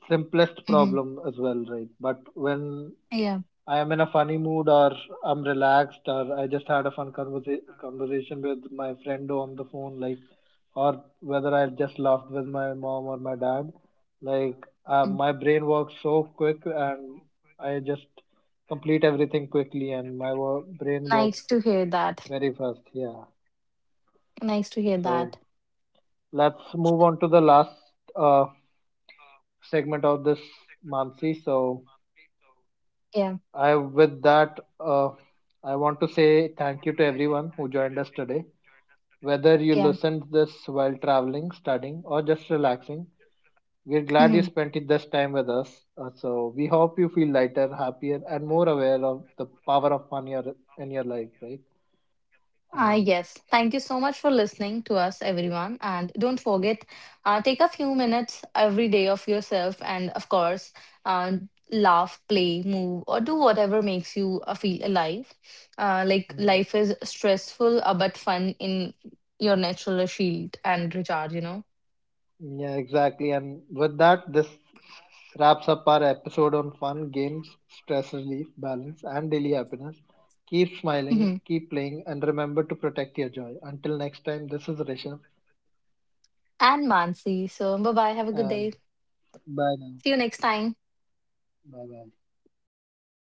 Speaker 1: simplest
Speaker 2: Hmm.
Speaker 1: problem as well, right? But when
Speaker 2: Yeah.
Speaker 1: I am in a funny mood or I'm relaxed or I just had a fun conversation with my friend on the phone, like, or whether I just laughed with my mom or my dad. Like,
Speaker 2: Mm.
Speaker 1: my brain works so quick and I just complete everything quickly and my brain works
Speaker 2: Nice to hear that.
Speaker 1: very fast. Yeah.
Speaker 2: Nice to hear
Speaker 1: So
Speaker 2: that.
Speaker 1: let's move on to the last uh, segment of this, Mansi. So
Speaker 2: Yeah.
Speaker 1: I with that, I want to say thank you to everyone who joined us today. Whether you
Speaker 2: Yeah.
Speaker 1: listened this while traveling, studying, or just relaxing, we're glad you
Speaker 2: Hmm.
Speaker 1: spent it this time with us. So we hope you feel lighter, happier, and more aware of the power of fun your in your life, right?
Speaker 2: Ah,
Speaker 1: And
Speaker 2: yes. Thank you so much for listening to us, everyone. And don't forget, take a few minutes every day of yourself, and of course, uh, laugh, play, move, or do whatever makes you feel alive.
Speaker 1: mm,
Speaker 2: Life is stressful, but fun in your natural shield and recharge. You know.
Speaker 1: yeah, exactly. And with that, this wraps up our episode on fun, games, stress relief, balance, and daily happiness. Keep smiling,
Speaker 2: Mhm.
Speaker 1: keep playing, and remember to protect your joy. Until next time, this is Rishabh,
Speaker 2: And Mansi. So, bye bye. Have a good
Speaker 1: and
Speaker 2: day.
Speaker 1: bye now.
Speaker 2: See you next time.
Speaker 1: Bye bye.